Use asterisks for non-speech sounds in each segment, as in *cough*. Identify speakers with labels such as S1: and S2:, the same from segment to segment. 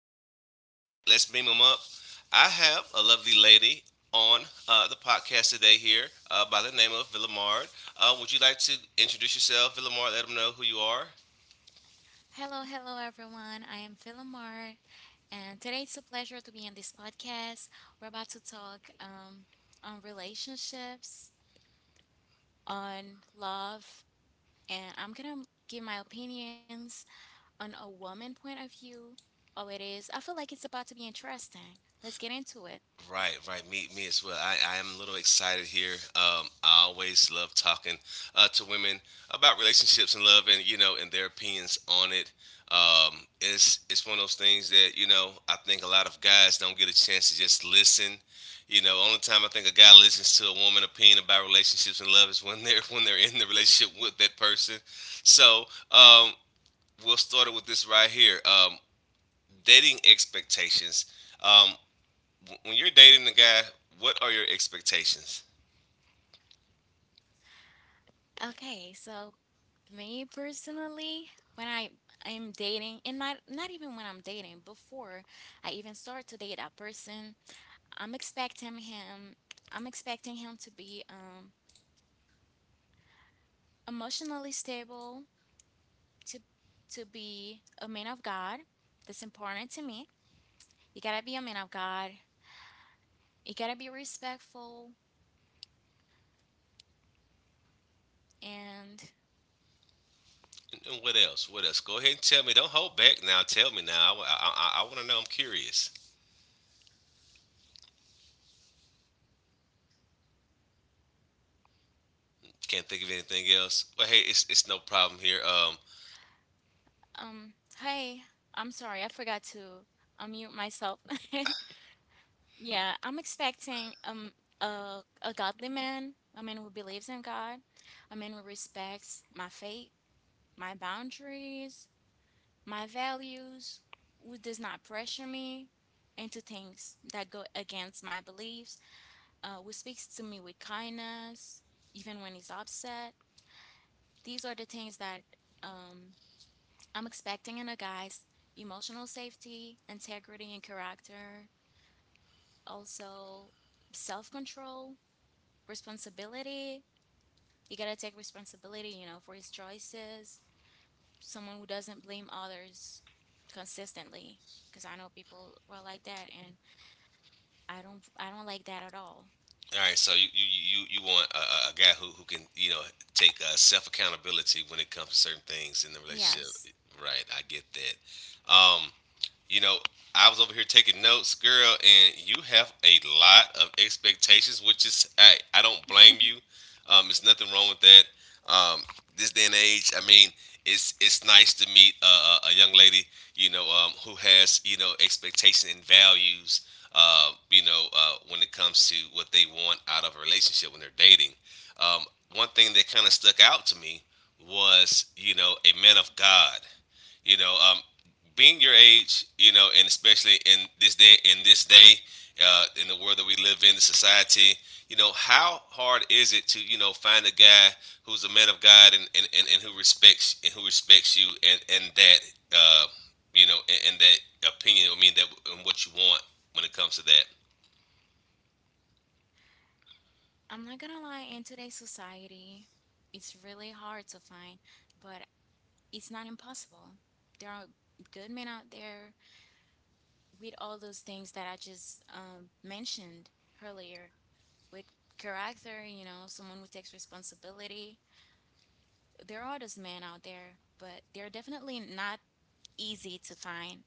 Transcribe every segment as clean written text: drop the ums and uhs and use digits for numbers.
S1: This is Scotty at Let's Beam 'Em Up. I have a lovely lady on the podcast today here by the name of Villamard. Would you like to introduce yourself, Villamard? Let them know who you are.
S2: Hello, hello everyone. I am Philomar, and today it's a pleasure to be in this podcast. We're about to talk on relationships, on love, and I'm gonna give my opinions on a woman point of view. Oh, it is. I feel like it's about to be interesting. Let's get into it.
S1: Right, right. Me as well. I am a little excited here. I always love talking to women about relationships and love, and you know, and their opinions on it. It's one of those things that you know I think a lot of guys don't get a chance to just listen. You know, only time I think a guy listens to a woman opinion about relationships and love is when they're in the relationship with that person. So um, we'll start it with this right here. Dating expectations. Um, when you're dating a guy, what are your expectations?
S2: Okay, so me personally, when I am dating, and not even when I'm dating, before I even start to date that person, I'm expecting him I'm expecting him to be emotionally stable, to to be a man of God. That's important to me. You gotta be a man of God. You gotta be respectful and
S1: And what else? What else? Go ahead and tell me. Don't hold back now. Tell me now. I want to know. I'm curious. Can't think of anything else. But hey, it's no problem here.
S2: um hey, I'm sorry, I forgot to unmute myself. *laughs* Yeah, I'm expecting a godly man, a man who believes in God, a man who respects my faith, my boundaries, my values, who does not pressure me into things that go against my beliefs, who speaks to me with kindness, even when he's upset. These are the things that um, I'm expecting in a guy's emotional safety, integrity, and character. Also, self control, responsibility. You gotta take responsibility, you know, for his choices. Someone who doesn't blame others consistently, because I know people are like that and I don't like that at all.
S1: All right. So you want a guy who can you know take self accountability when it comes to certain things in the relationship,
S2: Yes.
S1: right? I get that. You know, I was over here taking notes, girl, and you have a lot of expectations, which is, hey, I don't blame you.
S2: *laughs*
S1: There's nothing wrong with that. Um, this day and age, I mean, it's nice to meet a young lady, you know, who has you know expectations and values, you know, when it comes to what they want out of a relationship when they're dating. Um, One thing that kind of stuck out to me was, you know, a man of God. You know, being your age, you know, and especially in this day, in the world that we live in, the society, you know, how hard is it to, you know, find a guy who's a man of God and who respects and who respects you and that, uh, you know, and that opinion. I mean, that and what you want when it comes to that.
S2: I'm not gonna lie, in today's society, it's really hard to find, but it's not impossible. There are good men out there with all those things that I just mentioned earlier, with character, you know, someone who takes responsibility. There are those men out there, but they're definitely not easy to find.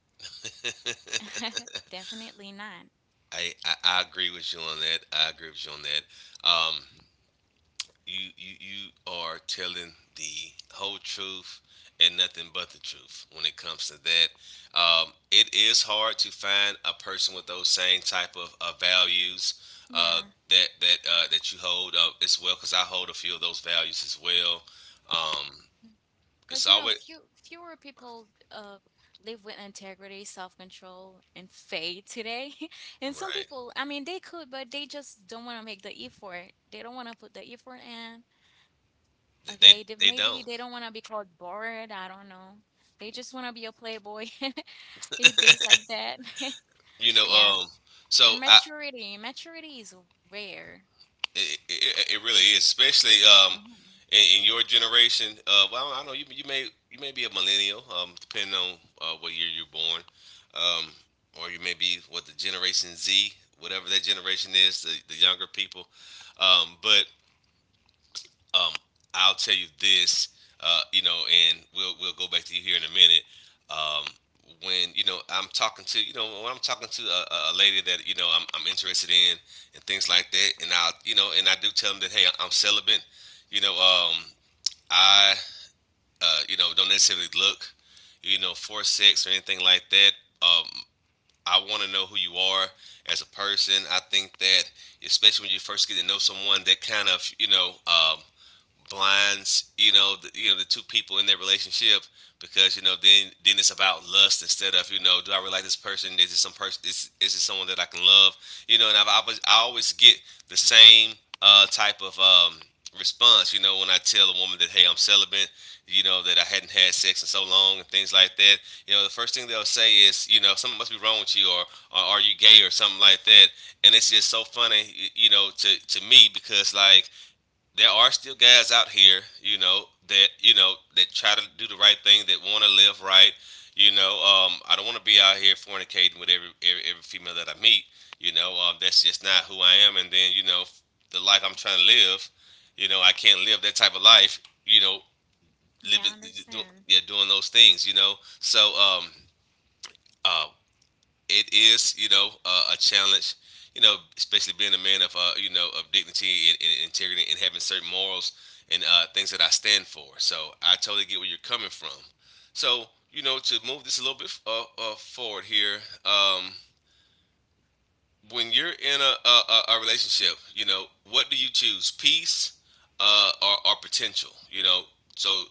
S1: *laughs*
S2: *laughs* Definitely not.
S1: I agree with you on that. I agree with you on that. Um, you you you are telling the whole truth and nothing but the truth when it comes to that. It is hard to find a person with those same type of values uh,
S2: Yeah.
S1: that you hold up as well. Because I hold a few of those values as well. Um,
S2: Because,
S1: it's
S2: you know,
S1: always
S2: fewer people live with integrity, self control, and faith today. *laughs* And some
S1: right.
S2: people, I mean, they could, but they just don't want to make the effort. They don't want to put the effort in.
S1: They
S2: Okay. They,
S1: they
S2: maybe
S1: don't.
S2: they don't want to be called bored. I don't know. They just want to be a playboy *laughs* and things like that.
S1: You
S2: *laughs*
S1: know.
S2: Yeah.
S1: So
S2: And maturity, maturity is rare.
S1: It, it really is, especially
S2: Mhm.
S1: in your generation. Well, I don't know. You, you may be a millennial, depending on what year you're born, um, or you may be what the Generation Z, whatever that generation is, the younger people. But um, I'll tell you this, you know, and we'll go back to you here in a minute. Um, when you know I'm talking to you know when I'm talking to a lady that you know I'm interested in and things like that, and I you know and I do tell them that hey I'm celibate, you know I you know don't necessarily look you know for sex or anything like that. Um, I want to know who you are as a person. I think that especially when you first get to know someone, that kind of you know blinds you know the two people in their relationship because you know then it's about lust instead of you know do I really like this person is it some person is it someone that I can love you know and I always get the same type of response you know when I tell a woman that hey I'm celibate you know that I hadn't had sex in so long and things like that you know the first thing they'll say is you know something must be wrong with you or are you gay or something like that and it's just so funny you know to me because like there are still guys out here, you know that try to do the right thing, that want to live right. You know, I don't want to be out here fornicating with every female that I meet. You know, that's just not who I am. And then you know, the life I'm trying to live, you know, I can't live that type of life. You know, living,
S2: Yeah, I
S1: do,
S2: understand.
S1: yeah, doing those things. You know, so uh, it is you know a challenge you know especially being a man of you know of dignity and integrity and having certain morals and things that I stand for so I totally get where you're coming from so you know to move this a little bit forward here um, when you're in a, a relationship you know what do you choose peace or potential you know so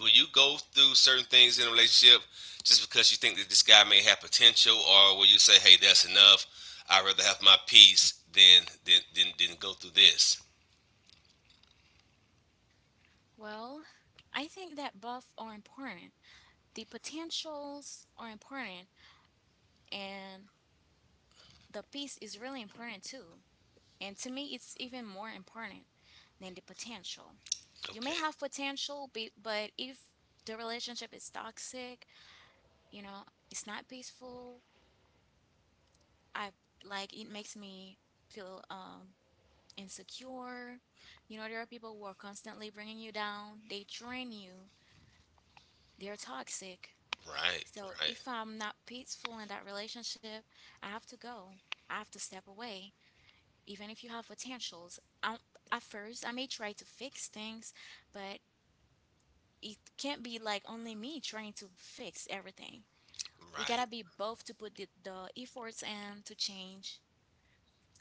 S1: will you go through certain things in a relationship just because you think that this guy may have potential, or will you say, "Hey, that's enough. I'd rather have my peace than go through this."
S2: Well, I think that both are important. The potentials are important and the peace is really important too. And to me, it's even more important than the potential. You may
S1: Okay,
S2: have potential, but if the relationship is toxic, you know, it's not peaceful, I, like, it makes me feel insecure. You know, there are people who are constantly bringing you down, they drain you, they're toxic.
S1: right,
S2: So
S1: right,
S2: if I'm not peaceful in that relationship, I have to go. I have to step away. Even if you have potentials, I at first I may try to fix things, but it can't be like only me trying to fix everything. We
S1: right.
S2: gotta be both to put the efforts in to change.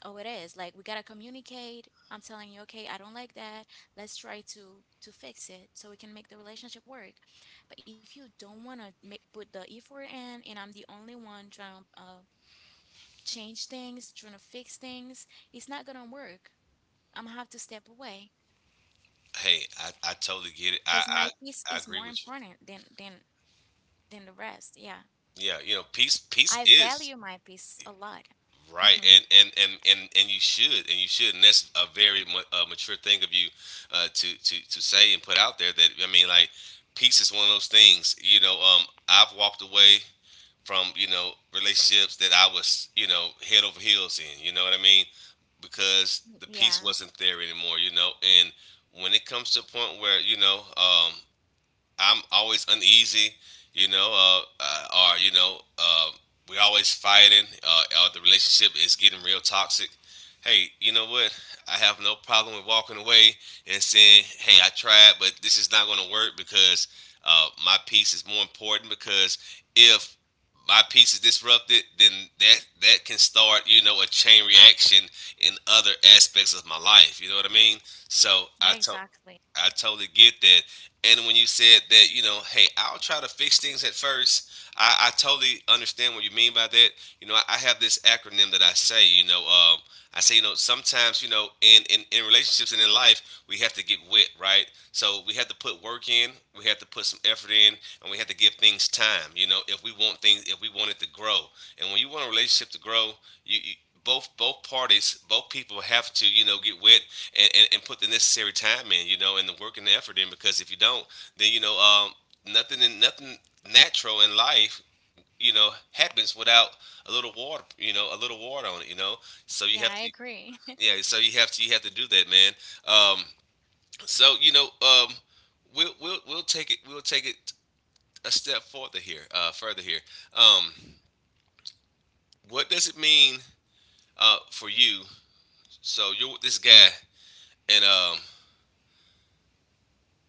S2: Oh, it is. Like, we gotta communicate. I'm telling you, okay, I don't like that. Let's try to fix it so we can make the relationship work. But if you don't wanna make, put the effort in, and I'm the only one trying to change things, trying to fix things, it's not gonna work. I'm gonna have to step away
S1: Hey, I totally get it. I,
S2: because
S1: I
S2: my peace
S1: I
S2: is
S1: agree
S2: more
S1: with you.
S2: important than than the rest. Yeah,
S1: Yeah, you know, peace
S2: I
S1: is
S2: value my peace a lot.
S1: Right,
S2: *laughs*
S1: and and you should, and you should, and that's a very mature thing of you to to say and put out there. That I mean, like, peace is one of those things. You know, I've walked away from you know relationships that I was you know head over heels in. You know what I mean? Because the peace
S2: Yeah,
S1: wasn't there anymore. You know, and when it comes to a point where you know, I'm always uneasy, you know, or you know, we're always fighting, or the relationship is getting real toxic. Hey, you know what? I have no problem with walking away and saying, "Hey, I tried, but this is not going to work because my piece is more important." Because if my piece is disrupted, then that can start, you know, a chain reaction in other aspects of my life. You know what I mean? So
S2: yeah, exactly.
S1: I totally get that. And when you said that, you know, hey, I'll try to fix things at first, I totally understand what you mean by that. You know, I have this acronym that I say, you know, I say, you know, sometimes, you know, in relationships and in life, we have to get wit, right? So we have to put work in, we have to put some effort in, and we have to give things time, you know, if we want things, if we want it to grow. And when you want a relationship to grow, you both parties, both people have to, you know, get wet and put the necessary time in, you know, and the work and the effort in. Because if you don't, then you know, nothing in nothing natural in life, you know, happens without a little water, you know, a little water on it, you know. So you
S2: Yeah,
S1: have
S2: I
S1: to,
S2: agree.
S1: yeah.
S2: *laughs*
S1: So you have to do that, man. Um, you know, we'll take it a step further here, Um, what does it mean for you? So you're with this guy, and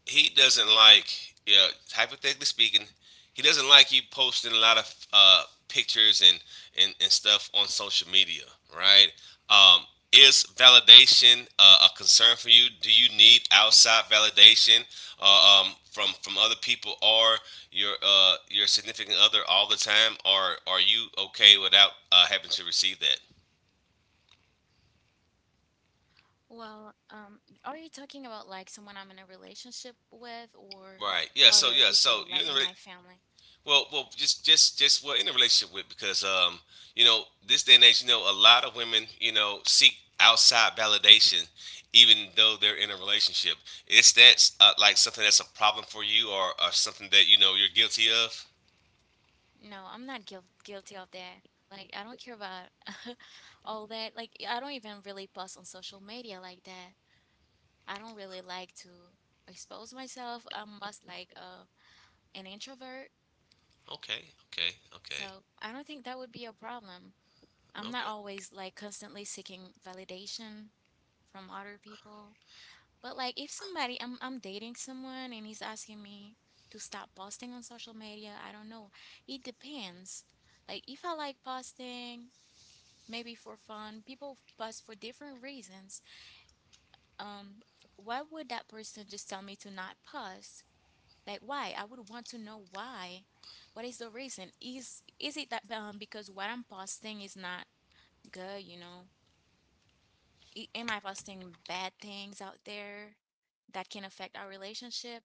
S1: he doesn't like, you know, hypothetically speaking, he doesn't like you posting a lot of pictures and stuff on social media, right? Um, is validation a concern for you? Do you need outside validation from other people or your significant other all the time, or are you okay without having to receive that?
S2: Well, are you talking about like someone I'm in a relationship with or
S1: Right. Yeah. So
S2: other
S1: yeah. So
S2: people
S1: you're
S2: like
S1: in a
S2: in
S1: re-
S2: my family?
S1: Well, well, just well, in a relationship with because you know this day and age you know a lot of women you know seek outside validation even though they're in a relationship. Is that like something that's a problem for you or something that you know you're guilty of?
S2: No, I'm not guilty of that. Like, I don't care about *laughs* all that. Like, I don't even really post on social media like that. I don't really like to expose myself. I'm most like an introvert,
S1: Okay, okay, okay,
S2: so I don't think that would be a problem. I'm not
S1: okay.
S2: always like constantly seeking validation from other people. But like, if somebody I'm dating someone and he's asking me to stop posting on social media, I don't know. It depends. Like, if I like posting maybe for fun, people post for different reasons. Um why would that person just tell me to not post? Like, why? I would want to know why. What is the reason? Is it that because what I'm posting is not good, you know? I- am I posting bad things out there that can affect our relationship?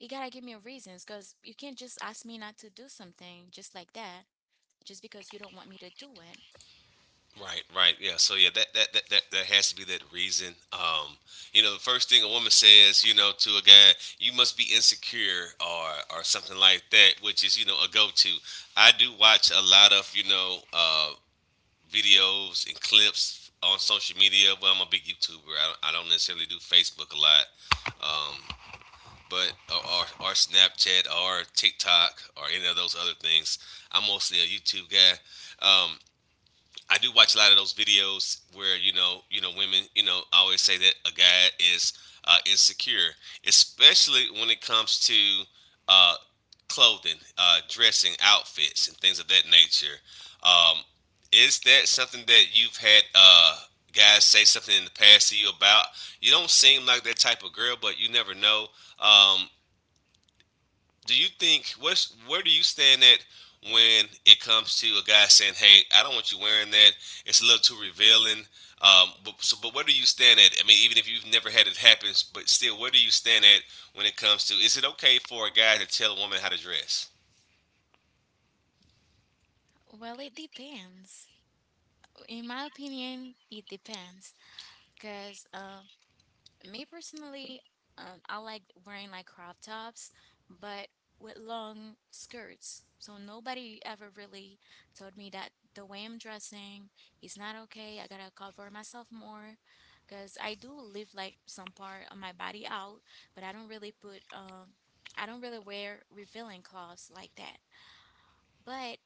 S2: You gotta give me a reasons, because you can't just ask me not to do something just like that, just because you don't want me to do it.
S1: Right, right, yeah. So yeah, that has to be that reason. You know, the first thing a woman says, you know, to a guy, you must be insecure or something like that, which is you know a go to. I do watch a lot of videos and clips on social media. Well, I'm a big YouTuber. I don't necessarily do Facebook a lot, um, but or Snapchat or TikTok or any of those other things. I'm mostly a YouTube guy. Um, I do watch a lot of those videos where women, you know, I always say that a guy is insecure, especially when it comes to uh, clothing, dressing, outfits, and things of that nature. Um, is that something that you've had guys say something in the past to you about? You don't seem like that type of girl, but you never know. Um, do you think what's where do you stand at when it comes to a guy saying, "Hey, I don't want you wearing that. It's a little too revealing." But where do you stand at? I mean, even if you've never had it happen, but still, where do you stand at when it comes to is it okay for a guy to tell a woman how to dress?
S2: Well, it depends. In my opinion, it depends because, me personally, I like wearing like crop tops, but with long skirts. So nobody ever really told me that the way I'm dressing is not okay, I gotta cover myself more, because I do leave like some part of my body out, but I don't really put I don't really wear revealing clothes like that. But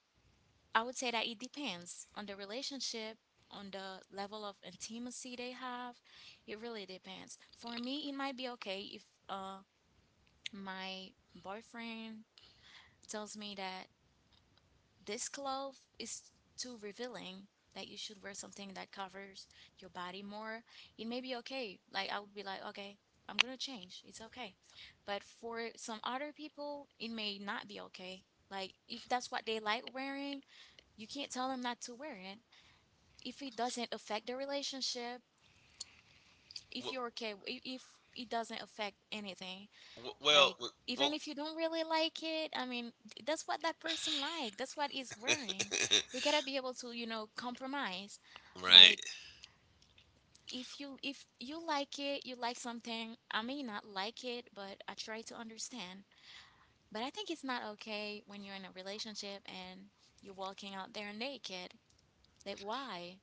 S2: I would say that it depends on the relationship, on the level of intimacy they have. It really depends. For me, it might be okay if my boyfriend tells me that this cloth is too revealing, that you should wear something that covers your body more. It may be okay. Like, I would be like, okay, I'm gonna change. It's okay. But for some other people, it may not be okay. Like, if that's what they like wearing, you can't tell them not to wear it if it doesn't affect the relationship, if
S1: Well,
S2: you're okay, if it doesn't affect anything,
S1: well,
S2: like, even
S1: well,
S2: if you don't really like it, I mean, that's what that person like. That's what he's wearing. We
S1: *laughs*
S2: gotta be able to, you know, compromise.
S1: right.
S2: Like, if you like it, you like something. I may not like it, but I try to understand. But I think it's not okay when you're in a relationship and you're walking out there naked. Like, why?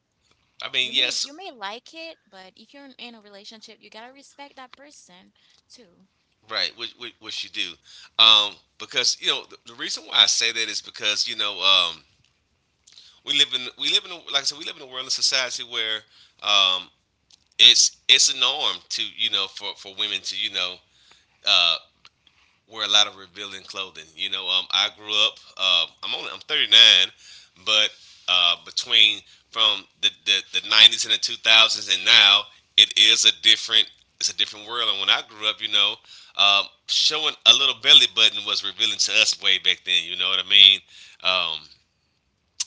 S1: I mean, yes,
S2: You may like it, but if you're in a relationship, you gotta respect that person too.
S1: right. What you do? Um, because you know the reason why I say that is because you know we live in like I said we live in a world and society where um, it's a norm to you know for women to uh, wear a lot of revealing clothing. You know, I grew up. I'm 39, but between from the 90s and the 2000s and now, it is a different it's a different world. And when I grew up, you know, showing a little belly button was revealing to us way back then. You know what I mean? Um,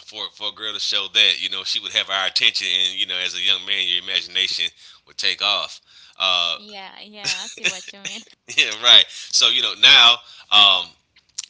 S1: for a girl to show that, you know, she would have our attention, and you know, as a young man, your imagination would take off. Uh,
S2: Yeah, yeah, I see what you mean.
S1: *laughs* yeah, right. So you know now, um,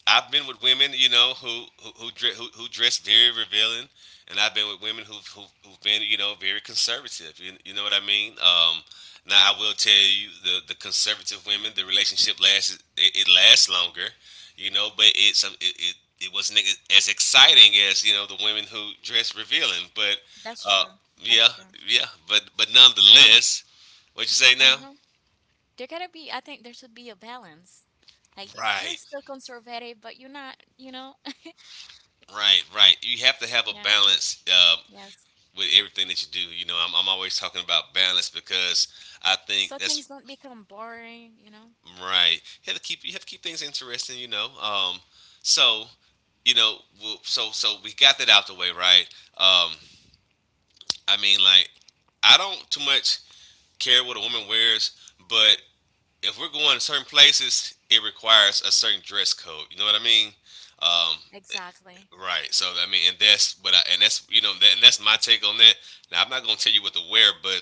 S1: I've been with women, you know, who dress very revealing, and I've been with women who've been, you know, very conservative. You know what I mean? Now I will tell you, the conservative women, the relationship lasts it lasts longer, you know, but it it wasn't as exciting as you know the women who dress revealing, but
S2: *laughs* That's
S1: uh,
S2: true. That's
S1: yeah,
S2: true.
S1: yeah, but
S2: I mean,
S1: nonetheless, what you say now?
S2: uh-huh. There gotta be, I think there should be a balance. Like, you you're
S1: Right,
S2: still conservative, but you're not, you know? *laughs*
S1: right, right. You have to have a
S2: Yeah,
S1: balance. Uh,
S2: yes.
S1: with everything that you do. You know, I'm always talking about balance because I
S2: So
S1: think
S2: things
S1: that's
S2: don't become boring, you know?
S1: right. You have to keep things interesting. You know, so you know, we'll, so so we got that out the way, right? Um, I mean, like I don't too much care what a woman wears, but if we're going to certain places, it requires a certain dress code. You know what I mean? Um,
S2: Exactly.
S1: right. So I mean, and that's you know, and that's my take on that. Now I'm not gonna tell you what to wear, but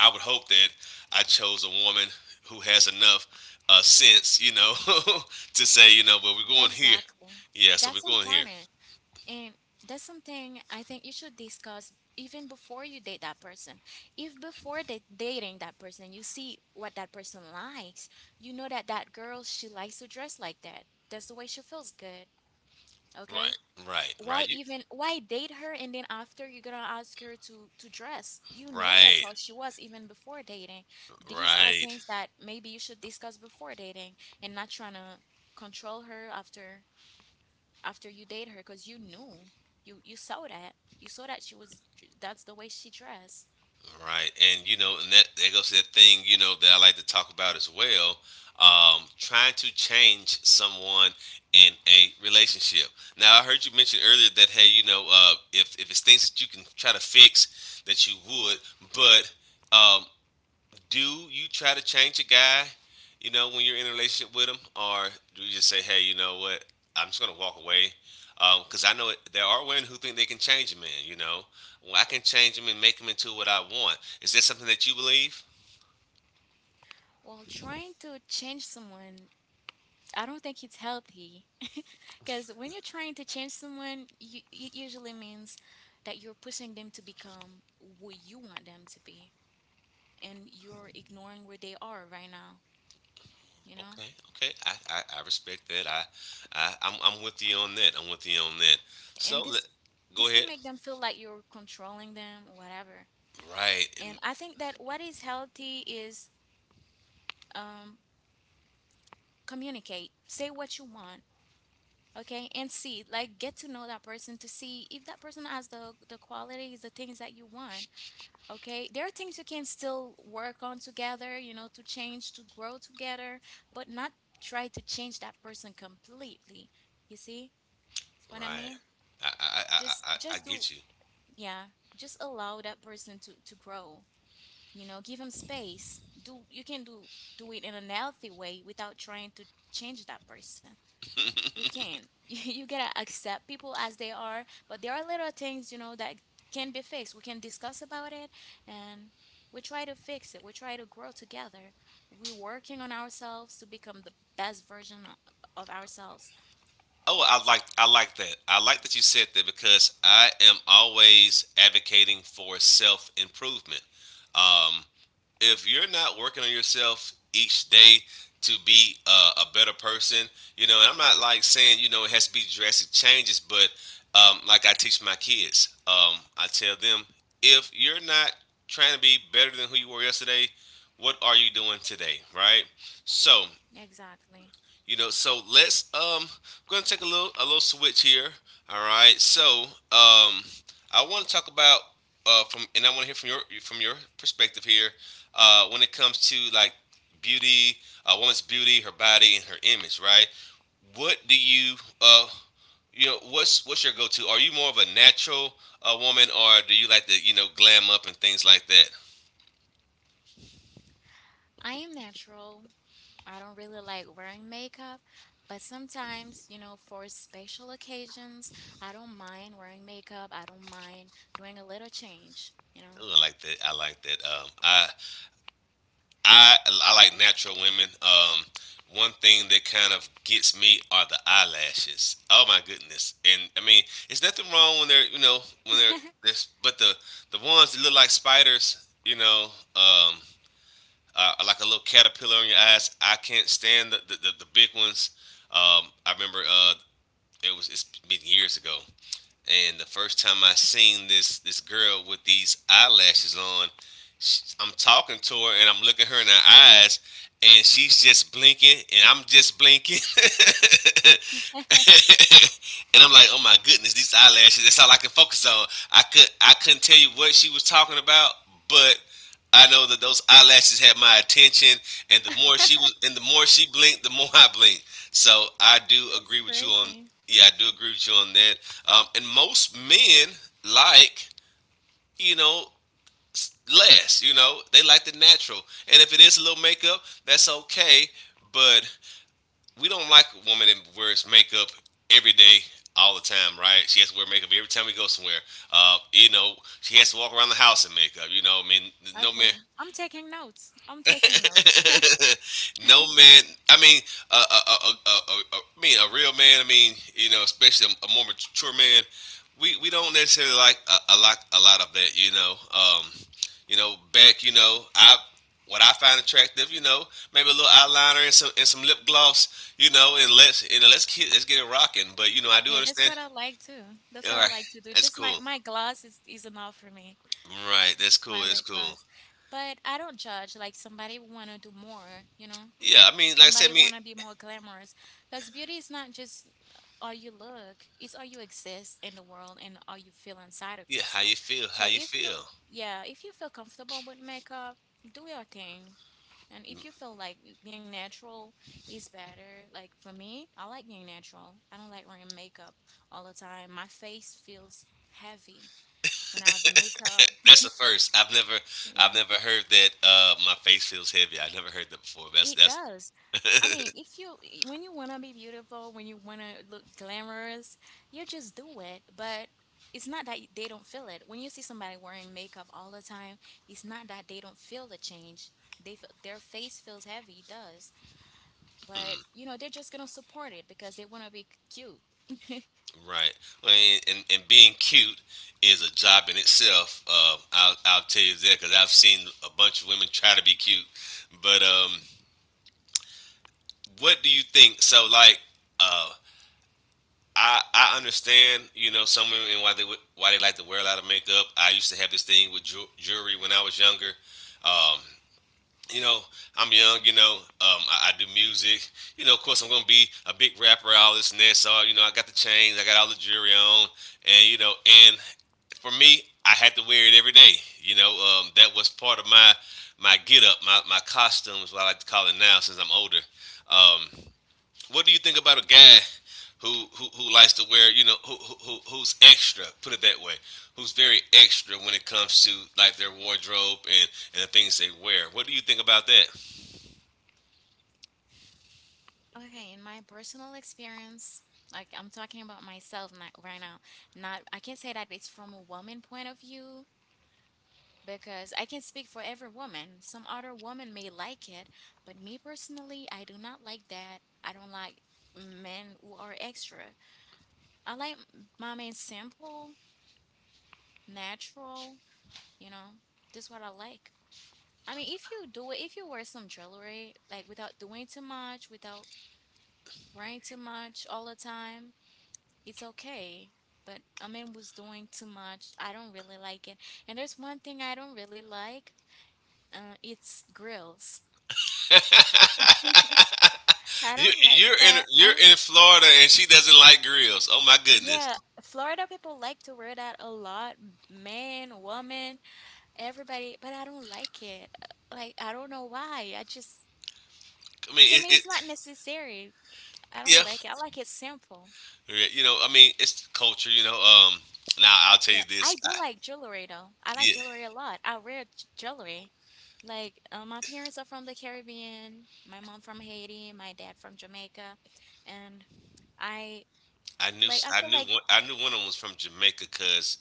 S1: I would hope that I chose a woman who has enough sense, you know, *laughs* to say, you know, well, we're going here.
S2: Exactly.
S1: Yeah, so we're
S2: That's
S1: going here.
S2: important. And that's something I think you should discuss even before you date that person. If before dating that person, you see what that person likes, you know that that girl, she likes to dress like that. That's the way she feels good. Okay?
S1: Right, right,
S2: Why
S1: right, you,
S2: even why date her and then after you're gonna ask her to dress? You know that's
S1: right,
S2: how she was even before dating. These are
S1: right,
S2: things that maybe you should discuss before dating and not trying to control her after after you date her, because you knew, you saw that, you saw that she was, that's the way she dressed.
S1: right. And you know, and that that goes to that thing, you know, that I like to talk about as well. Trying to change someone in a relationship. Now, I heard you mention earlier that hey, you know, if it's things that you can try to fix, that you would, but um, do you try to change a guy, you know, when you're in a relationship with him, or do you just say, hey, you know what, I'm just gonna walk away? Because I know it, there are women who think they can change a man. You know, well, I can change him and make him into what I want. Is that something that you believe?
S2: Well, trying to change someone, I don't think it's healthy *laughs* because when you're trying to change someone, you, it usually means that you're pushing them to become what you want them to be and you're ignoring where they are right now, you know.
S1: Okay, okay, I respect that. I'm with you on that. I'm with you on that.
S2: And
S1: So let, go
S2: this can
S1: ahead.
S2: make them feel like you're controlling them or whatever.
S1: Right
S2: And
S1: and
S2: I think that what is healthy is, um communicate, say what you want. Okay? And see, like, get to know that person to see if that person has the qualities, the things that you want. Okay, there are things you can still work on together, you know, to change, to grow together, but not try to change that person completely. You see what I
S1: right.
S2: mean?
S1: I
S2: Just do,
S1: get you.
S2: yeah, just allow that person to grow, you know, give him space, do you can do, do it in a healthy way without trying to change that person. You can. *laughs* You gotta accept people as they are, but there are little things, you know, that can be fixed. We can discuss about it and we try to fix it. We try to grow together. We're working on ourselves to become the best version of ourselves.
S1: Oh, I like that. I like that you said that because I am always advocating for self improvement. Um, if you're not working on yourself each day to be a better person, you know, and I'm not like saying you know it has to be drastic changes, but like I teach my kids, I tell them if you're not trying to be better than who you were yesterday, what are you doing today, right? So
S2: Exactly.
S1: you know, so let's I'm gonna take a little switch here. All right. So um I wanna talk about from and I wanna hear from your perspective here, when it comes to like beauty, a woman's beauty, her body and her image, right? What do you uh you know, what's your go to? Are you more of a natural woman or do you like to, you know, glam up and things like that?
S2: I am natural. I don't really like wearing makeup, but sometimes, you know, for special occasions, I don't mind wearing makeup. I don't mind doing a little change, you know?
S1: Ooh, I like that. I like that. I I like natural women. One thing that kind of gets me are the eyelashes. Oh my goodness! And I mean, it's nothing wrong when they're you know when they're this, but the ones that look like spiders, you know, um, like a little caterpillar on your eyes. I can't stand the big ones. I remember it's been years ago. And the first time I seen this girl with these eyelashes on, sh I'm talking to her and I'm looking her in her eyes, and she's just blinking and I'm just blinking. *laughs* *laughs* and I'm like, oh my goodness, these eyelashes. That's all I can focus on. I couldn't tell you what she was talking about, but I know that those eyelashes had my attention. And
S2: *laughs*
S1: the more she blinked, the more *laughs* I blinked. So I do
S2: That's
S1: agree with you on.
S2: crazy.
S1: Yeah, I do agree with you on that. And most men like you know less. You know, they like the natural. And if it is a little makeup, that's okay. But we don't like a woman that wears makeup every day, all the time, right? She has to wear makeup every time we go somewhere. You know, she has to walk around the house in makeup. You know, I mean, no man.
S2: Okay. I'm taking notes. I'm taking notes. *laughs*
S1: *laughs* no man. I mean, I mean, a real man. I mean, you know, especially a more mature man. We don't necessarily like a lot of that. You know, back. You know, I what I find attractive. You know, maybe a little eyeliner and some lip gloss. You know, and let's you know let's get it rocking. But you know, I do
S2: Yeah, that's
S1: understand.
S2: what I like too. That's
S1: All
S2: what I
S1: right,
S2: like to do.
S1: that's
S2: Just my
S1: cool.
S2: my glass is enough for me.
S1: Right, that's cool. That's
S2: Violet
S1: cool.
S2: gloves. But I don't judge. Like, somebody want to do more, you know? S-
S1: Yeah, I mean, like I said,
S2: somebody
S1: I mean,
S2: want to be more glamorous. Because beauty is not just all you look, it's all you exist in the world and all you feel inside of
S1: yeah, how
S2: yourself.
S1: you feel? How
S2: So
S1: you
S2: if you,
S1: feel?
S2: yeah, if you feel comfortable with makeup, do your thing. And if you feel like being natural is better, like for me, I like being natural. I don't like wearing makeup all the time. My face feels heavy when I have makeup. *laughs*
S1: *laughs* That's the first.
S2: Yeah.
S1: I've never heard that. My face feels heavy. I never heard that before.
S2: It
S1: That's
S2: does. I mean, if you I- when you wanna be beautiful, when you wanna look glamorous, you just do it. But it's not that they don't feel it. When you see somebody wearing makeup all the time, it's not that they don't feel the change. They feel their face feels heavy, it does. But
S1: hmm,
S2: you know, they're just gonna support it because they wanna be cute. *laughs*
S1: right. Well, and being cute is a job in itself. I'll tell you that because I've seen a bunch of women try to be cute. But what do you think? So like, uh, I understand. You know, some women why they like to wear a lot of makeup. I used to have this thing with jewelry when I was younger. Um, you know, I'm young, you know, I do music. You know, of course, I'm going to be a big rapper, all this and that. So, you know, I got the chains, I got all the jewelry on. And, you know, and for me, I had to wear it every day. You know, that was part of my my get up, my costume is what I like to call it now since I'm older. Um, what do you think about a guy who likes to wear, you know, who's extra, put it that way, who's very extra when it comes to like their wardrobe and the things they wear? What do you think about that?
S2: Okay, in my personal experience, like I'm talking about myself not, right now, not I can't say that it's from a woman point of view because I can speak for every woman. Some other woman may like it, but me personally, I do not like that. I don't like men who are extra. I like my man simple, natural, you know, this is what I like. I mean, if you do it, if you wear some jewelry, like without doing too much, without wearing too much all the time, it's okay. But a man was doing too much, I don't really like it. And there's one thing I don't really like, it's grills. *laughs* I
S1: *laughs*
S2: don't like
S1: You're in
S2: that. I'm
S1: Florida, and she doesn't like grills. Oh my goodness!
S2: Yeah, Florida people like to wear that a lot, man, woman, everybody, but I don't like it. Like I don't know why. I just
S1: I mean,
S2: To
S1: it,
S2: me
S1: it
S2: it's not necessary. I don't
S1: Yeah,
S2: like it. I like it simple.
S1: yeah, you know, I mean, it's culture, you know. Now I'll tell
S2: Yeah,
S1: you
S2: I
S1: this.
S2: do like jewelry though. I like
S1: Yeah,
S2: jewelry a lot. I wear jewelry. Like my parents are from the Caribbean, my mom from Haiti, my dad from Jamaica, and I I feel like
S1: I knew one of them was from Jamaica because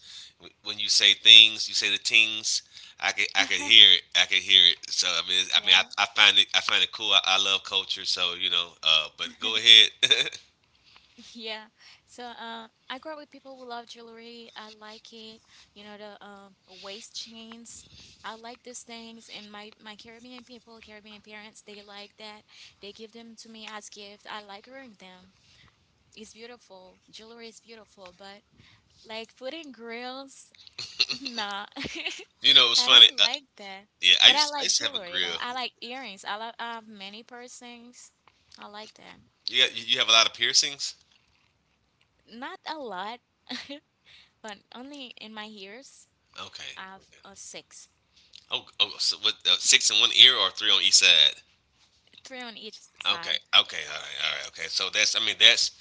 S1: when you say things, you say the things. I could hear it.
S2: *laughs*
S1: I could hear it. So
S2: yeah.
S1: I find it cool. I love culture. So you know, but go
S2: *laughs*
S1: ahead. *laughs*
S2: Yeah. So, I grew up with people who love jewelry. I like it. You know, the waist chains. I like these things, and my Caribbean people, Caribbean parents, they like that. They give them to me as gift. I like wearing them. It's beautiful. Jewelry is beautiful, but like putting grills, *laughs* nah.
S1: You know, it
S2: *laughs*
S1: was
S2: I
S1: funny.
S2: don't like that.
S1: Yeah,
S2: But I
S1: I
S2: like
S1: used to have a
S2: jewelry
S1: grill.
S2: though. I like earrings. I have many piercings. I like that.
S1: You got, you have a lot of piercings.
S2: Not a lot. *laughs* but only in my years
S1: Okay.
S2: I've six,
S1: Oh, oh, so with six in one ear or three on each side.
S2: three on each
S1: Okay.
S2: side.
S1: Okay. All right. All right. Okay. So that's. I mean,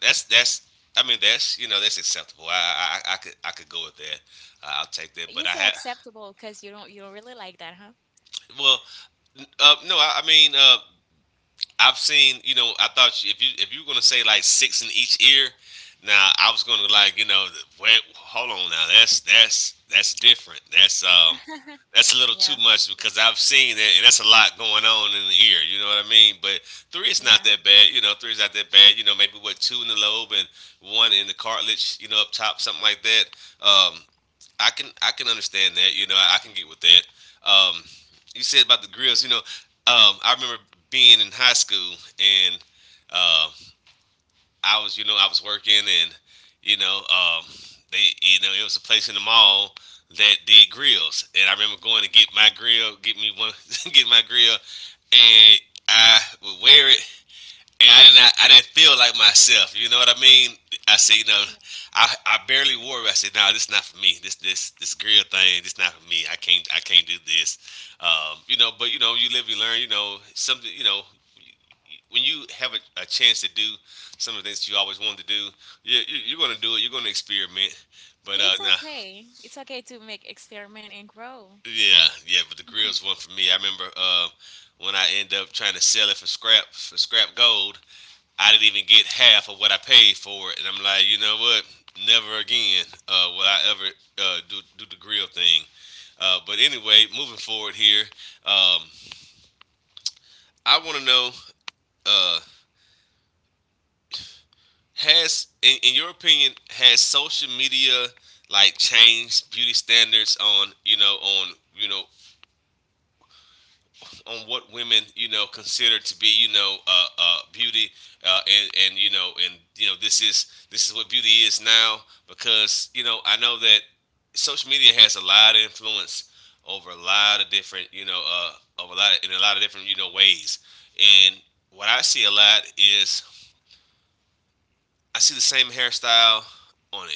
S1: that's that's. I mean, that's you know that's acceptable. I could go with that. I'll take that. But
S2: You
S1: I
S2: say
S1: had
S2: acceptable because you don't really like that, huh?
S1: well, no. I mean, I've seen, you know, I thought you, if you were gonna say like six in each ear, now I was gonna like, you know, wait, hold on now, that's that's different.
S2: *laughs*
S1: That's a little too
S2: Yeah,
S1: much because I've seen that, and that's a lot going on in the ear. You know what I mean? But three is not
S2: yeah,
S1: that bad. You know, three is not that bad. You know, maybe what two in the lobe and one in the cartilage. You know, up top, something like that. Um, I can understand that. You know, I can get with that. Um, you said about the grills. You know, I remember being in high school and uh, I was working and you know, it was a place in the mall that did grills, and I remember going to get my grill, get me one, *laughs* get my grill, and I would wear it and I didn't feel like myself. You know what I mean? I said, you know, I barely wore it. I said, no, nah, this is not for me. This grill thing, this not for me. I can't do this. You know, but you know, you live, you learn. You know, something. You know, when you have a chance to do some of the things that you always wanted to do, you're going to do it. You're going to experiment. But
S2: yeah. It's
S1: nah,
S2: okay. It's okay to make experiment and grow.
S1: yeah, yeah. But the
S2: Mhm.
S1: grill's one for me. I remember when I end up trying to sell it for scrap gold. I didn't even get half of what I paid for it, and I'm like, you know what? Never again will I ever do the grill thing. But anyway, moving forward here, um, I want to know: uh, has, in your opinion, has social media like changed beauty standards on you know on you know on what women you know consider to be you know beauty and you know this is what beauty is now because you know I know that social media has a lot of influence over a lot of different you know over a lot of, in a lot of different you know ways and what I see a lot is I see the same hairstyle on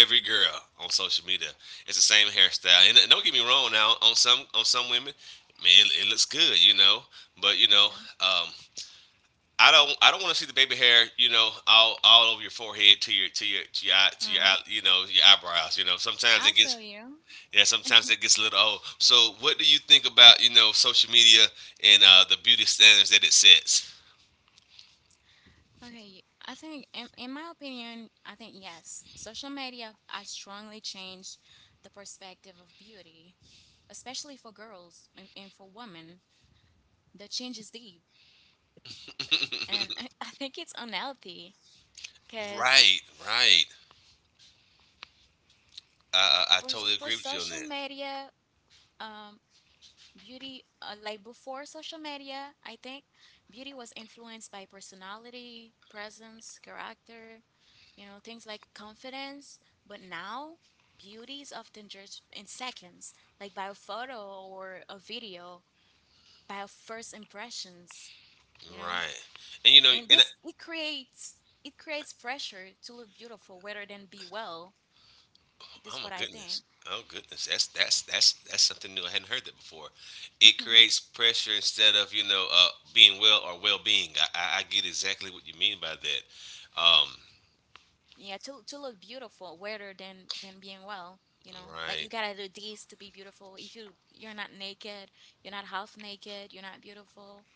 S1: every girl on social media. It's the same hairstyle, and don't get me wrong. Now, on some women, man, it looks good, you know. But you know, um, I don't want to see the baby hair, you know, all over your forehead to your to your to your
S2: Mm,
S1: you know your eyebrows. You know, sometimes
S2: I
S1: it
S2: feel
S1: gets.
S2: you.
S1: Yeah, sometimes it gets a little old. So, what do you think about you know social media and the beauty standards that it sets?
S2: Okay, I think in my opinion, I think yes, social media has strongly changed the perspective of beauty, especially for girls and for women. The change is deep,
S1: *laughs*
S2: and I, *laughs* I think it's unhealthy. Because
S1: Right, right. I
S2: for, s-
S1: totally
S2: for
S1: agree with you on
S2: social
S1: that.
S2: media, um, beauty, like before social media, I think beauty was influenced by personality, presence, character, you know, things like confidence. But now, beauty is often judged in seconds, like by a photo or a video, by our first impressions, you know?
S1: Right. And you know,
S2: And this, it creates pressure to look beautiful rather than be well. This
S1: oh
S2: is
S1: my
S2: what I think.
S1: goodness, oh goodness, that's something new. I hadn't heard that before. It
S2: *laughs*
S1: creates pressure instead of you know being well or well being. I get exactly what you mean by that.
S2: Yeah, to look beautiful rather than being well, you know, like you
S1: Right,
S2: gotta do this to be beautiful. If you're not naked, you're not half naked, you're not beautiful.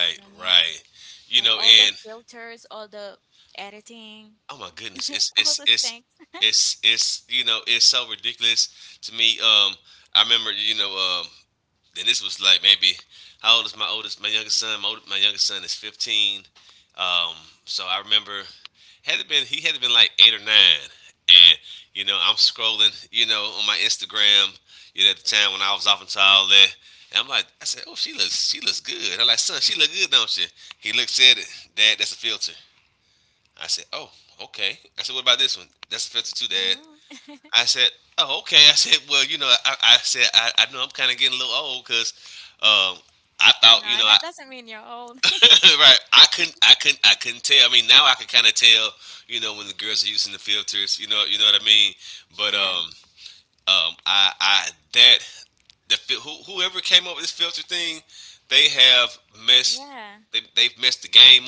S2: You feel me?
S1: right. You
S2: Like
S1: know,
S2: all the
S1: and
S2: filters, all the editing,
S1: oh my
S2: *laughs*
S1: goodness,
S2: all the things. *laughs*
S1: it's you know it's so ridiculous to me. I remember you know then this was like maybe how old is my oldest? My youngest son. My youngest son is 15. Um, so I remember had it been he had it been like eight or nine, and you know I'm scrolling, you know, on my Instagram. You know, at the time when I was off into all that, and I'm like, I said, oh, she looks good. I'm like, son, she look good, don't she? He looked said, it, Dad, that's a filter. I said, oh, okay. I said, what about this one? That's a filter too, Dad.
S2: Hmm.
S1: I
S2: *laughs*
S1: said, "Oh, okay." I said, "Well, you know, I know I'm kind of getting a little old because um, I thought, you
S2: No,
S1: know,
S2: that doesn't mean you're old.
S1: *laughs*
S2: *laughs*
S1: right? I couldn't tell. I mean, now I can kind of tell, you know, when the girls are using the filters, you know what I mean. But
S2: Yeah,
S1: I that who, whoever came up with this filter thing, they have messed,
S2: yeah.
S1: they've messed the game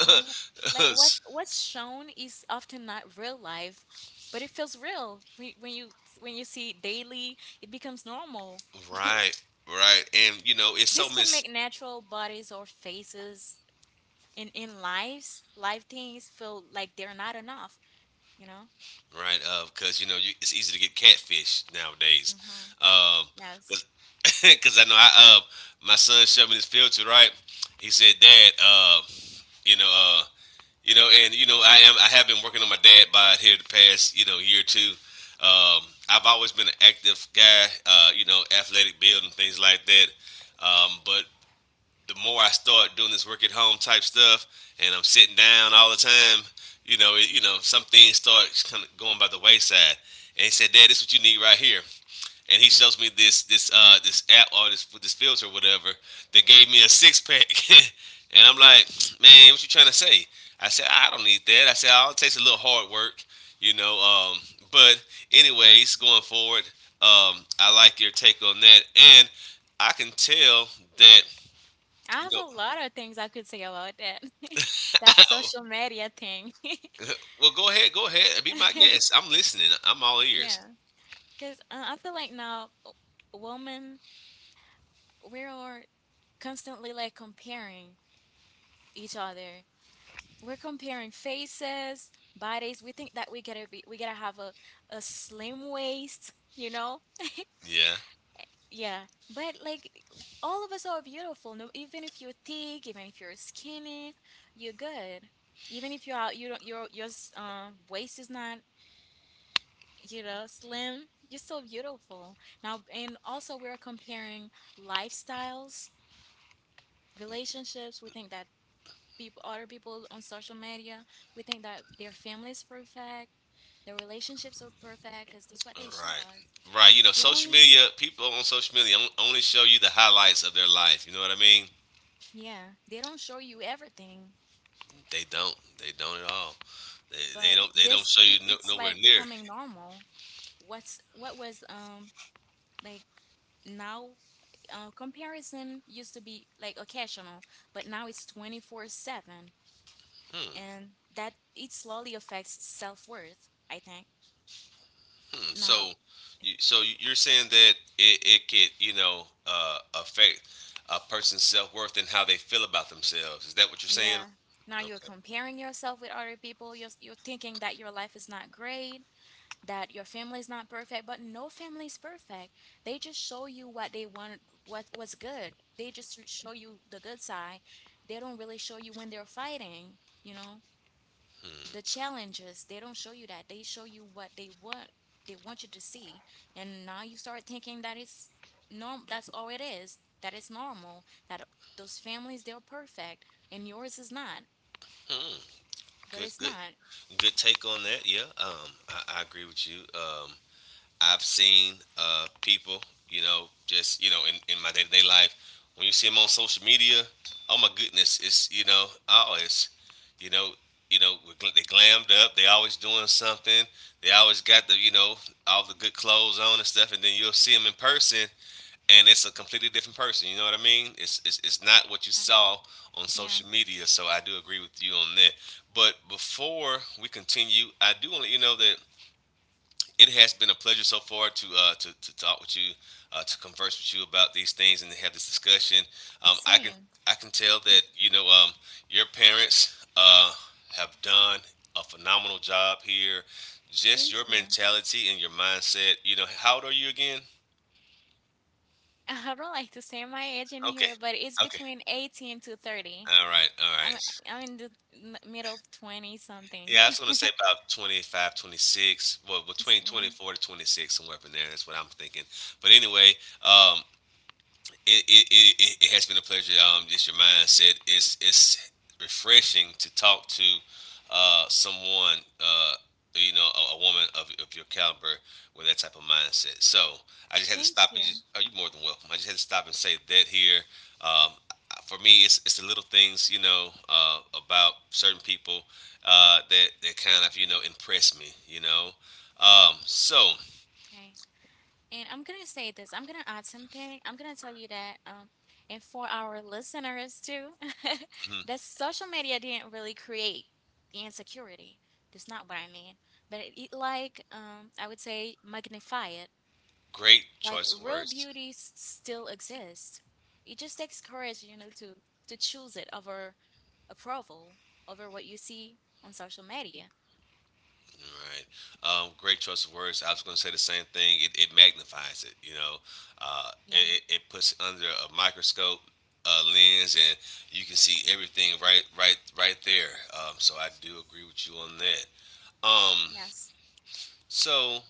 S2: Mhm. Like what's shown is often not real life, but it feels real when, when you see it daily, it becomes normal.
S1: *laughs*
S2: *laughs*
S1: Right, right, and you know, it's so
S2: This can
S1: much.
S2: make natural bodies or faces in live things feel like they're not enough, you know?
S1: Right? Because you know you, it's easy to get catfish nowadays.
S2: Hmm. Yes.
S1: Because *laughs* I know I my son showed me this filter, right? He said, "Dad, you know, uh, you know, and you know, I have been working on my dad bod here the past you know year or two. Um, I've always been an active guy, you know, athletic build and things like that. But the more I start doing this work at home type stuff, and I'm sitting down all the time, you know, you know, some things start kind of going by the wayside. And he said, "Dad, this is what you need right here." And he shows me this app or this filter or whatever that gave me a six pack, *laughs* and I'm like, "Man, what you trying to say?" I said, "I don't need that." I said, "All it takes is a little hard work, you know." But anyways, going forward, I like your take on that, and I can tell that
S2: I
S1: you
S2: have
S1: know
S2: a lot of things I could say about that. *laughs* That
S1: oh,
S2: social media thing. *laughs*
S1: well, go ahead, go ahead. Be my guest.
S2: *laughs*
S1: I'm listening. I'm all ears.
S2: Yeah, because I feel like now women, we are constantly like comparing each other. We're comparing faces, bodies. We think that we gotta have a slim waist, you know.
S1: Yeah.
S2: Yeah, but like all of us are beautiful. No, even if you're thick, even if you're skinny, you're good. Even if you're out, your waist is not, you know, slim. You're still beautiful. Now, and also we're comparing lifestyles, relationships. We think that other people on social media, we think that their family is perfect, their relationships are perfect, because that's what
S1: All
S2: they show
S1: right.
S2: us.
S1: Right. You know,
S2: They
S1: social
S2: only,
S1: media. People on social media only show you the highlights of their life. You know what I mean?
S2: yeah, they don't show you everything.
S1: They don't. They don't at all. They
S2: But
S1: don't. They don't
S2: this,
S1: show you
S2: it,
S1: no,
S2: it's
S1: nowhere
S2: like
S1: near.
S2: becoming normal. What's what was like now Comparison used to be like occasional, but now it's 24/7,
S1: Hmm.
S2: and that it slowly affects self-worth, I think. Now,
S1: So, you're saying that it could, you know, affect a person's self worth and how they feel about themselves. Is that what you're saying?
S2: yeah, now you're
S1: Okay.
S2: comparing yourself with other people. You're thinking that your life is not great, that your family is not perfect, but no family is perfect. They just show you what they want, what was good. They just show you the good side. They don't really show you when they're fighting, you know, the challenges. They don't show you that. They show you what they want you to see. And now you start thinking that it's norm that's all it is, that it's normal, that those families they're perfect and yours is not,
S1: Hmm.
S2: but
S1: Good.
S2: it's
S1: Good.
S2: not.
S1: Good take on that. Yeah, I agree with you. I've seen people, you know, just you know, in my day to day life, when you see them on social media, oh my goodness, it's you know, I always, you know, you know, they glammed up, they always doing something, they always got the you know all the good clothes on and stuff, and then you'll see them in person, and it's a completely different person. You know what I mean? It's not what you
S2: Yeah.
S1: saw on
S2: Yeah.
S1: social media. So I do agree with you on that. But before we continue, I do want to let you know that it has been a pleasure so far to to talk with you, to converse with you about these things and to have this discussion. Um, I can
S2: Same.
S1: I can tell that you know your parents have done a phenomenal job here. Just
S2: Thank
S1: your
S2: you.
S1: mentality and your mindset. You know, how old are you again?
S2: *laughs* I don't like to say my age in
S1: Okay.
S2: here, but it's
S1: Okay.
S2: between 18 to 30.
S1: All right, all right.
S2: I'm I'm in the middle 20 something.
S1: Yeah, I was gonna say
S2: *laughs*
S1: about 25, 26. Well, between
S2: So,
S1: 24 to 26, somewhere up in there. That's what I'm thinking. But anyway, um, it, it, it has been a pleasure. Just your mindset. It's refreshing to talk to someone, you know, a woman of your caliber with that type of mindset. So I just had to stop
S2: Thank
S1: and
S2: you.
S1: just. Oh, you're more than welcome. I just had to stop and say that here. Um, for me, it's the little things, you know, about certain people that kind of impress me. So
S2: Okay. And I'm gonna say this. I'm gonna add something. I'm gonna tell you that, and for our listeners too, *laughs* that social media didn't really create the insecurity. That's not what I mean. But it like, I would say magnify.
S1: *clears throat* great
S2: Like
S1: choice of
S2: real
S1: words.
S2: beauty still exists. It just takes courage, you know, to choose it over approval, over what you see on social media.
S1: Right. Great choice of words. I was going to say the same thing. It magnifies it. Uh,
S2: Yeah.
S1: it, it it puts it under a microscope lens, and you can see everything right, right, right there. So I do agree with you on that. Um,
S2: Yes.
S1: so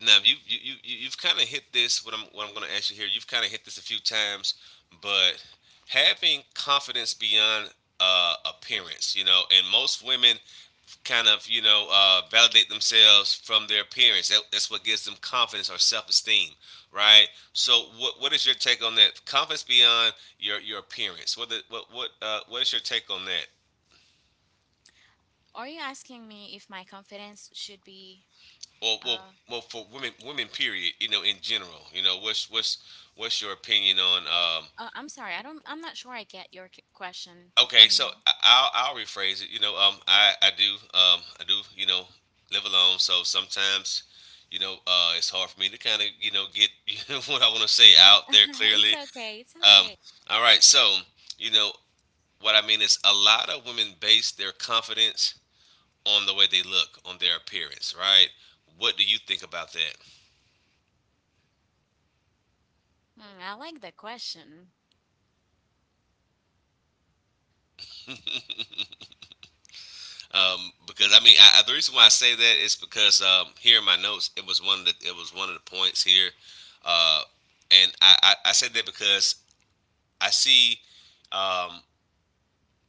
S1: now you've kind of hit this. What I'm going to ask you here. You've kind of hit this a few times, but having confidence beyond appearance, you know, and most women kind of validate themselves from their appearance. That's what gives them confidence or self-esteem, right? So, what is your take on that? Confidence beyond your appearance. What the, what is your take on that?
S2: Are you asking me if my confidence should be
S1: Or well,
S2: uh,
S1: well, for women period, you know, in general, you know, what's your opinion on
S2: I'm sorry. I'm not sure I get your question.
S1: Okay,
S2: Can
S1: so
S2: you.
S1: I'll rephrase it. You know, I do live alone, so sometimes it's hard for me to kind of get *laughs* what I want to say out there
S2: *laughs* It's
S1: clearly.
S2: okay. It's
S1: Um,
S2: okay.
S1: all right, so you know what I mean is a lot of women base their confidence on the way they look, on their appearance, right? What do you think about that?
S2: Hmm, I like the question.
S1: Because I mean, I, the reason why I say that is because here in my notes, it was one of the points here, uh, and I said that because I see, um,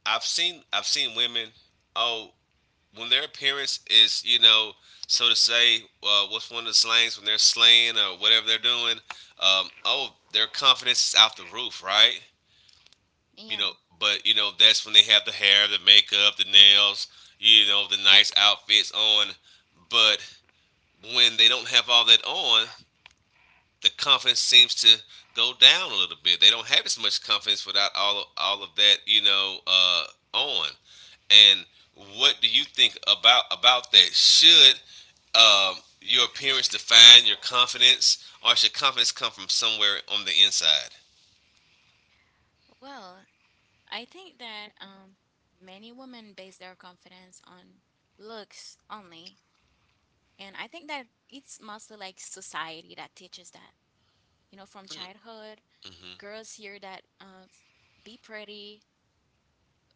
S1: I've seen women, oh, when their appearance is so to say, what's one of the slangs when they're slaying or whatever they're doing, oh, their confidence is out the roof, right? You
S2: Yeah.
S1: know, but that's when they have the hair, the makeup, the nails, the nice outfits on. But when they don't have all that on, the confidence seems to go down a little bit. They don't have as much confidence without all of that, you know, on. And what do you think about that? Should um, your appearance define your confidence, or should confidence come from somewhere on the inside?
S2: Well, I think that many women base their confidence on looks only. And I think that it's mostly like society that teaches that. You know, from
S1: Hmm.
S2: childhood,
S1: Hmm.
S2: girls hear that be pretty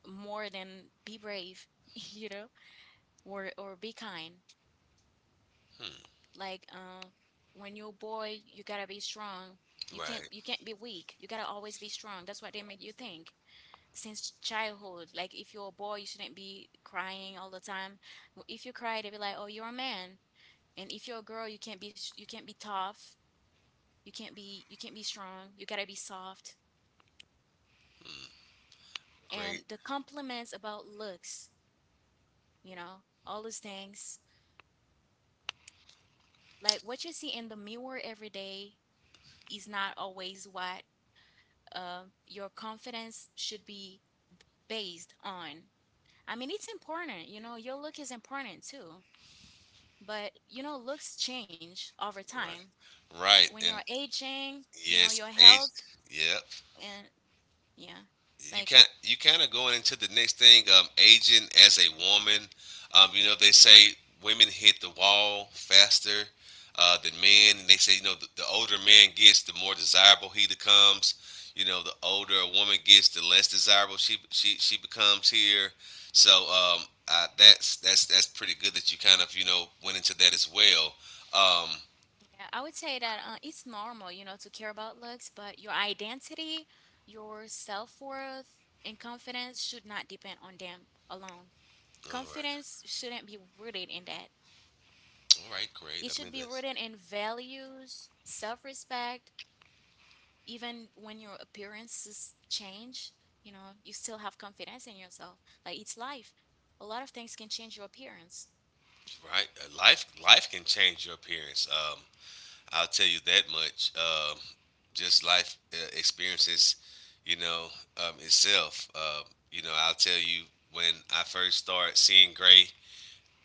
S2: more than be brave, *laughs* you know, or be kind.
S1: Hmm.
S2: Like when you're a boy, you gotta be strong. You can't
S1: Right.
S2: you can't be weak. You gotta always be strong. That's what they make you think since childhood. Like if you're a boy, you shouldn't be crying all the time. Well, if you cry, they be like, "Oh, you're a man." And if you're a girl, you can't be tough. You can't be strong. You gotta be soft. And
S1: Great.
S2: the compliments about looks, you know, all those things. Like what you see in the mirror every day is not always what your confidence should be based on. I mean, it's important, you know, your look is important too. But, you know, looks change over time.
S1: Right. Right,
S2: When you're
S1: and
S2: aging, you know, your
S1: yes, age.
S2: health
S1: Yep.
S2: and, yeah, like.
S1: You can you kind of going into the next thing. Aging as a woman. You know they say women hit the wall faster than men, and they say you know the older a man gets, the more desirable he becomes. You know, the older a woman gets, the less desirable she becomes here. So that's pretty good that you kind of went into that as well. Um,
S2: Yeah, I would say that it's normal, you know, to care about looks, but your identity, your self-worth, and confidence should not depend on them alone.
S1: all right,
S2: Confidence shouldn't be rooted in that.
S1: all right, great.
S2: It
S1: I
S2: should
S1: mean
S2: be
S1: this.
S2: rooted in values, self-respect, even when your appearances change, you know, you still have confidence in yourself. Like it's life. A lot of things can change your appearance.
S1: Right? Life can change your appearance. I'll tell you that much. Just life experiences, you know, itself. You know, I'll tell you when I first started seeing gray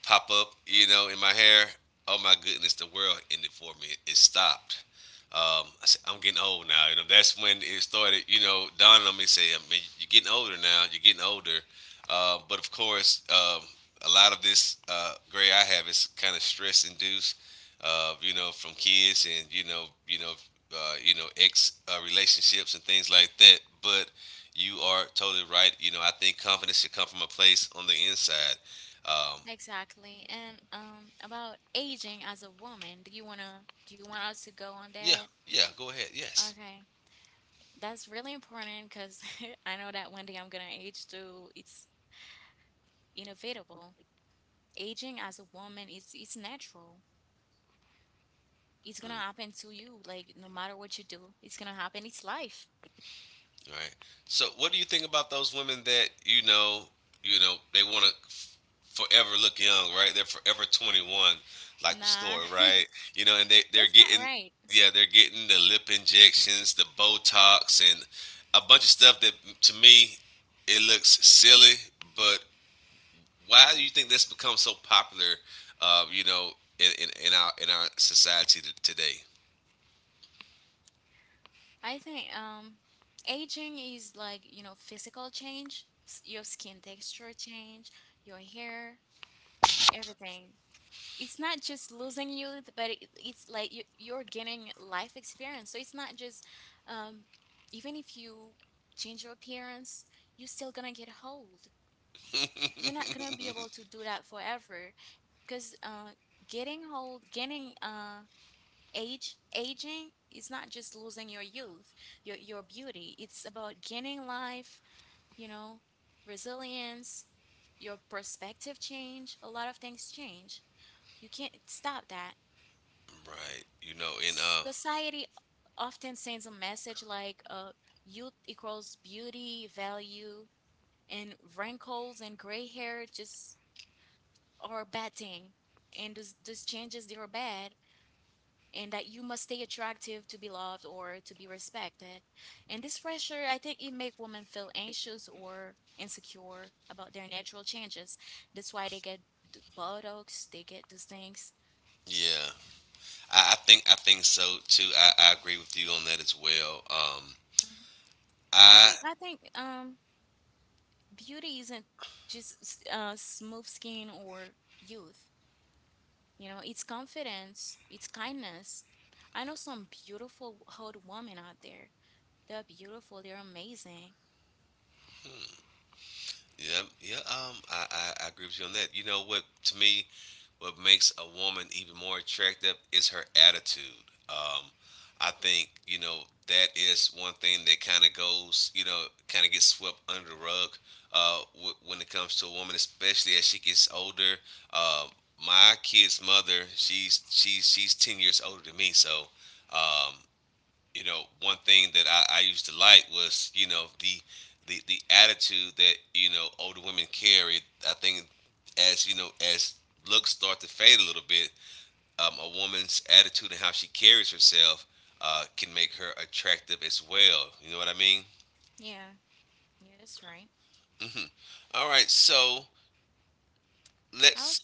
S1: pop up, you know, in my hair. Oh my goodness, the world ended for me. It stopped. I said, I'm getting old now. You know, that's when it started. You know, dawning on me, say, I mean, you're getting older now. You're getting older. But of course, a lot of this gray I have is kind of stress induced. You know, from kids and ex relationships and things like that. But you are totally right. You know, I think confidence should come from a place on the inside. Um,
S2: Exactly. And about aging as a woman, do you want us to go on
S1: Yeah,
S2: that?
S1: yeah. Go ahead. Yes.
S2: Okay. That's really important cuz *laughs* I know that one day I'm going to age too. It's inevitable. Aging as a woman is it's natural. It's going
S1: Hmm.
S2: to
S1: All
S2: happen to you like no matter what you do. It's going to happen. It's life.
S1: right. So, what do you think about those women that you know? You know, they want to forever look young, right? They're forever 21, like the
S2: Nah.
S1: story, right? You know, and
S2: *laughs*
S1: they're
S2: That's not
S1: getting,
S2: right.
S1: yeah, they're getting the lip injections, the Botox, and a bunch of stuff that to me it looks silly. But why do you think that's become so popular? You know, in our society today,
S2: I think aging is like, you know, physical change, your skin texture change, your hair, everything. It's not just losing youth, but it's like you're gaining life experience. So it's not just, um, even if you change your appearance, you're still gonna get old. You're not gonna be able to do that forever because getting old, getting aging is not just losing your youth, your beauty. It's about gaining life, you know, resilience, your perspective change. A lot of things change. You can't stop that.
S1: right? You know, in
S2: Society often sends a message like youth equals beauty, value, and wrinkles and gray hair just are a bad thing. And those changes, they are bad. And that you must stay attractive to be loved or to be respected. And this pressure, I think it make women feel anxious or insecure about their natural changes. That's why they get Botox, they get these things.
S1: yeah, I think so too. I agree with you on that as well.
S2: Mhm. I
S1: I
S2: think, I think, um, beauty isn't just smooth skin or youth. You know, it's confidence, it's kindness. I know some beautiful old women out there. They're beautiful. They're amazing.
S1: Yeah, yeah, I agree with you on that. You know what? To me, what makes a woman even more attractive is her attitude. I think that is one thing that kind of goes kind of gets swept under the rug. When it comes to a woman, especially as she gets older, um, my kid's mother, she's 10 years older than me, so. Um, you know, one thing that I used to like was, you know, the attitude that, you know, older women carry. I think as, you know, as looks start to fade a little bit, a woman's attitude and how she carries herself can make her attractive as well. You know what I mean?
S2: Yeah, yeah, that's right.
S1: Hmm. All right, so
S2: I
S1: let's
S2: would,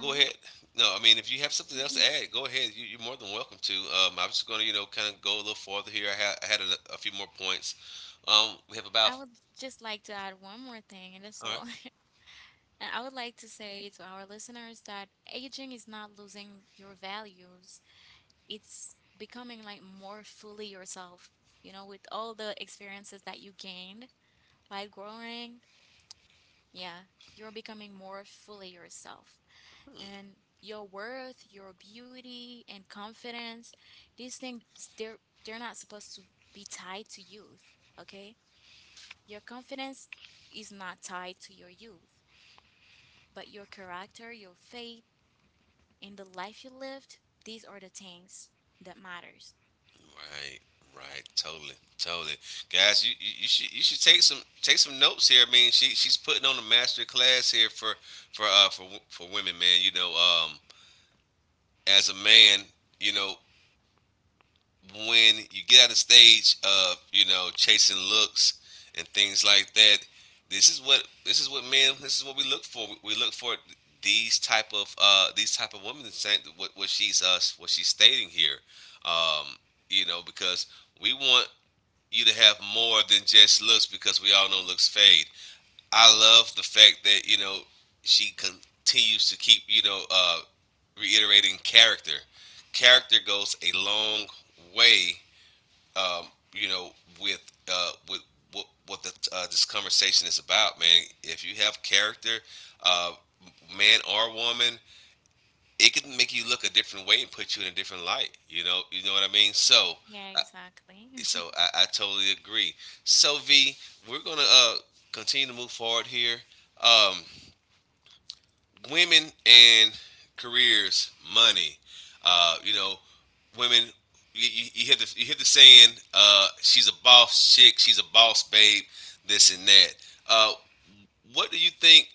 S1: go ahead. No, I mean, if you have something else to add, go ahead. You're more than welcome to. I am just going to, you know, kind of go a little farther here. I had a few more points. We have
S2: *laughs*
S1: about.
S2: I would just like to add one more thing, and that's
S1: All right.
S2: all. *laughs* And I would like to say to our listeners that aging is not losing your values. It's becoming like more fully yourself, you know, with all the experiences that you gained by growing, yeah, you're becoming more fully yourself. And your worth, your beauty, and confidence, these things, they're, they're not supposed to be tied to youth, okay? Your confidence is not tied to your youth, but your character, your faith, and the life you lived, these are the things that matters.
S1: Right, right, totally, totally, guys. You should take some notes here. I mean, she's putting on a master class here for women, man. You know, as a man, you know, when you get out of stage of chasing looks and things like that, this is what we look for. We look for these type of women, saying what she's stating here, um, you know, because we want you to have more than just looks because we all know looks fade. I love the fact that she continues to keep reiterating character. Character goes a long way, um, you know, with with this conversation is about, man. If you have character, uh, man or woman, it can make you look a different way and put you in a different light. You know what I mean. So.
S2: Yeah,
S1: Uh,
S2: exactly. *laughs*
S1: so I totally agree. So V, we're gonna continue to move forward here. Um, Women and careers, money. You know, women. You hear the saying, "She's a boss chick. She's a boss babe." This and that. Uh, what do you think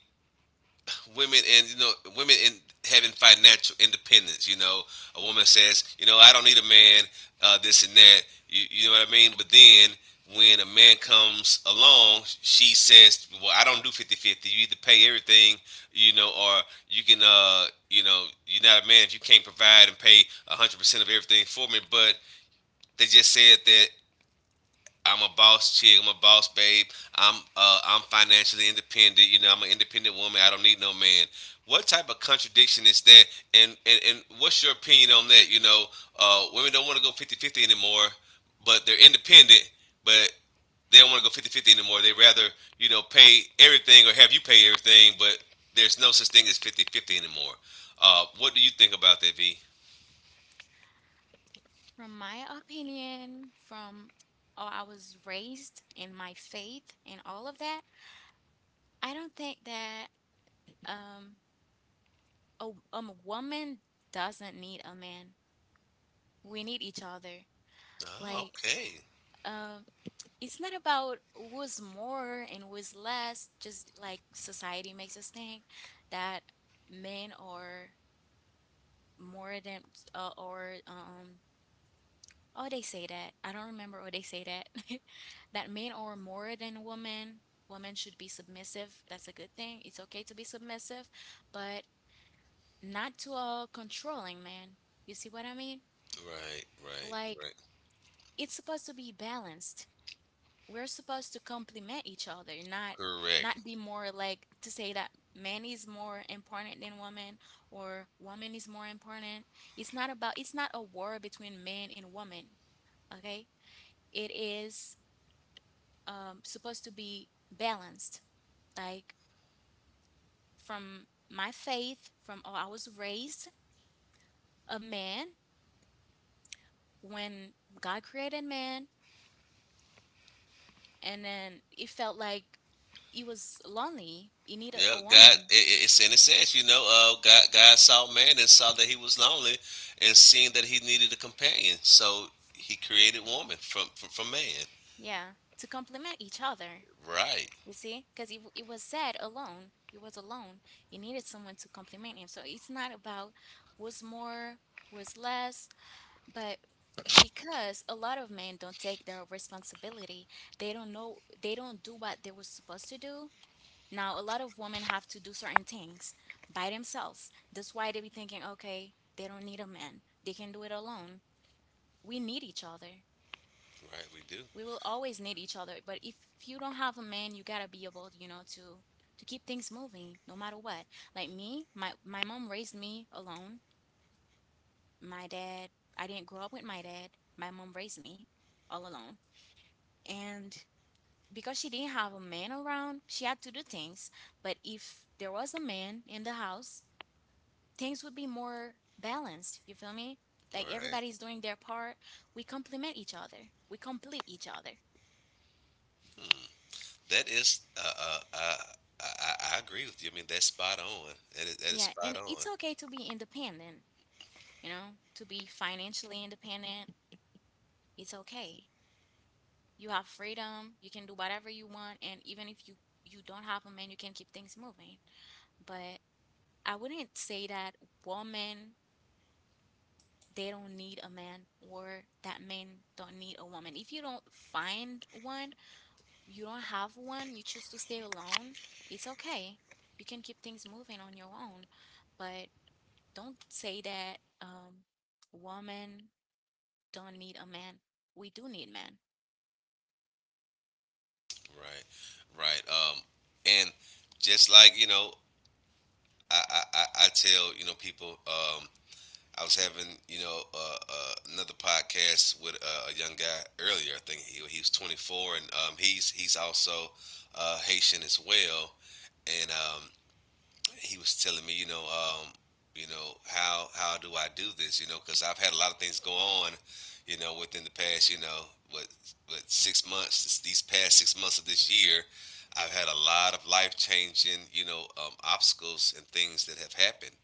S1: women and women in having financial independence, you know, a woman says, you know, I don't need a man, this and that, you know what I mean, but then when a man comes along she says, well, I don't do not do 50/50. You either pay everything, you know, or you're not a man if you can't provide and pay 100% of everything for me, but they just said that I'm a boss chick. I'm a boss babe. I'm financially independent. You know, I'm an independent woman. I don't need no man. What type of contradiction is that? And what's your opinion on that? You know, women don't want to go fifty-fifty anymore, but they're independent, but they don't want to go fifty-fifty anymore. They rather pay everything or have you pay everything, but there's no such thing as fifty-fifty anymore. What do you think about that, V?
S2: From my opinion, from how I was raised and my faith and all of that, I don't think that um a a woman doesn't need a man. We need each other.
S1: Oh,
S2: Like,
S1: okay.
S2: um it's not about who's more and who's less, just like society makes us think that men are more than or um oh they say that. I don't remember what they say that. *laughs* That men are more than women. Women should be submissive. That's a good thing. It's okay to be submissive, but not to a controlling man. You see what I mean?
S1: Right, right,
S2: Like,
S1: right.
S2: it's supposed to be balanced. We're supposed to complement each other, not
S1: Correct.
S2: not be more like to say that man is more important than woman or woman is more important. It's not about it's not a war between men and women, okay? It is supposed to be balanced. Like, from my faith, from how I was raised, a man when God created man, and then it felt like it was lonely. You needed
S1: Yep,
S2: a
S1: God.
S2: woman,
S1: It's and it says, you know, God. God saw man and saw that he was lonely, and seeing that he needed a companion, so he created woman from man.
S2: yeah, to complement each other.
S1: Right,
S2: You see, because it was sad alone. He was alone. He needed someone to complement him. So it's not about was more, was less, but because a lot of men don't take their responsibility, they don't know, they don't do what they were supposed to do. Now, a lot of women have to do certain things by themselves. That's why they be thinking, okay, they don't need a man. They can do it alone. We need each other.
S1: right. We do.
S2: We will always need each other. But if you don't have a man, you gotta be able, you know, to keep things moving no matter what. Like me, my mom raised me alone. My dad, I didn't grow up with my dad. My mom raised me all alone. And because she didn't have a man around, she had to do things. But if there was a man in the house, things would be more balanced. You feel me? Like
S1: Right.
S2: everybody's doing their part. We complement each other. We complete each other.
S1: That is. I, I agree with you. I mean, that's spot on. That is
S2: Yeah, and
S1: spot
S2: it's
S1: on.
S2: okay to be independent, you know, to be financially independent. It's okay. You have freedom, you can do whatever you want, and even if you don't have a man, you can keep things moving. But I wouldn't say that women they don't need a man or that men don't need a woman. If you don't find one, you don't have one, you choose to stay alone, it's okay. You can keep things moving on your own. But don't say that women don't need a man. We do need men.
S1: Right, right. And just like you know, I tell people. I was having, you know, another podcast with a young guy earlier. I think he was 24, and he's also Haitian as well. And he was telling me, you know, how do I do this? You know, because I've had a lot of things go on, you know, within the past, you know, what what, 6 months, these past 6 months of this year, I've had a lot of life changing, obstacles and things that have happened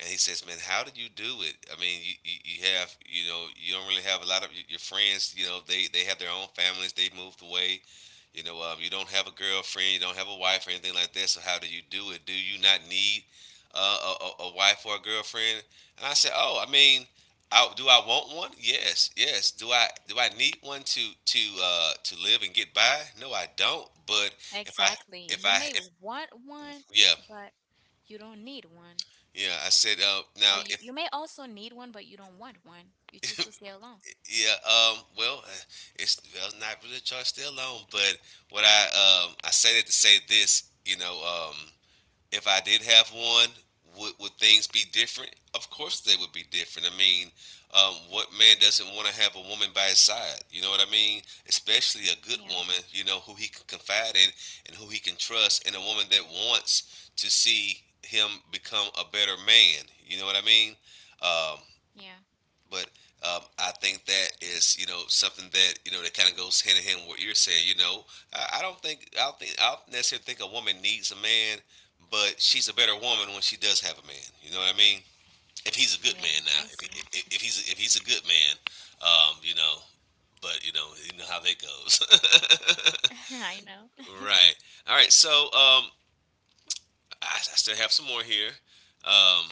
S1: and he says, "Man, how did you do it? I mean, you have you don't really have a lot of friends. You know, they have their own families. They moved away. You don't have a girlfriend. You don't have a wife or anything like that. So how do you do it? Do you not need a wife or a girlfriend?" And I said, "Oh, I mean." I, do I want one? Yes, yes. Do I need one to live and get by? No, I don't. But if I
S2: Exactly.
S1: if
S2: You
S1: I
S2: may
S1: if
S2: want one,
S1: yeah,
S2: but you don't need one.
S1: yeah, I said
S2: Or
S1: now.
S2: you may also need one, but you don't want one. You choose to stay alone.
S1: Yeah, well, it's well, it's not really a charge still alone, but what I say that to say this, if I did have one, would things be different? Of course they would be different. I mean, what man doesn't want to have a woman by his side? You know what I mean? Especially a good
S2: Yeah,
S1: woman, you know, who he can confide in and who he can trust, and a woman that wants to see him become a better man. You know what I mean? Um,
S2: yeah,
S1: but I think that is you know something that you know that kind of goes hand in hand with what you're saying. You know, I don't necessarily think a woman needs a man, but she's a better woman when she does have a man. You know what I mean? If he's a good
S2: yeah.
S1: man now,
S2: I
S1: if, he-
S2: see.
S1: if he's a good man, you know, but you know how that goes.
S2: *laughs* I know.
S1: *laughs*
S2: *laughs*
S1: Right. All right. So, I still have some more here. Um,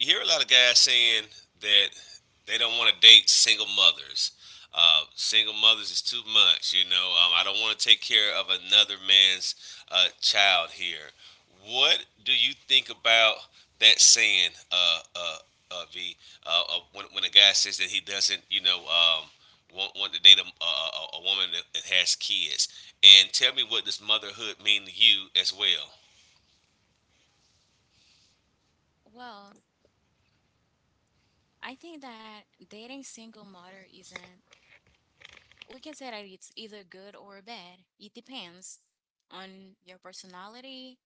S1: you hear a lot of guys saying that they don't want to date single mothers. Single mothers is too much, you know. I don't want to take care of another man's child here. What do you think about that saying, V, when a guy says that he doesn't, want to date a woman that has kids? And tell me, what does motherhood mean to you as well?
S2: Well, I think that dating single mother isn't, we can say that it's either good or bad. It depends on your personality,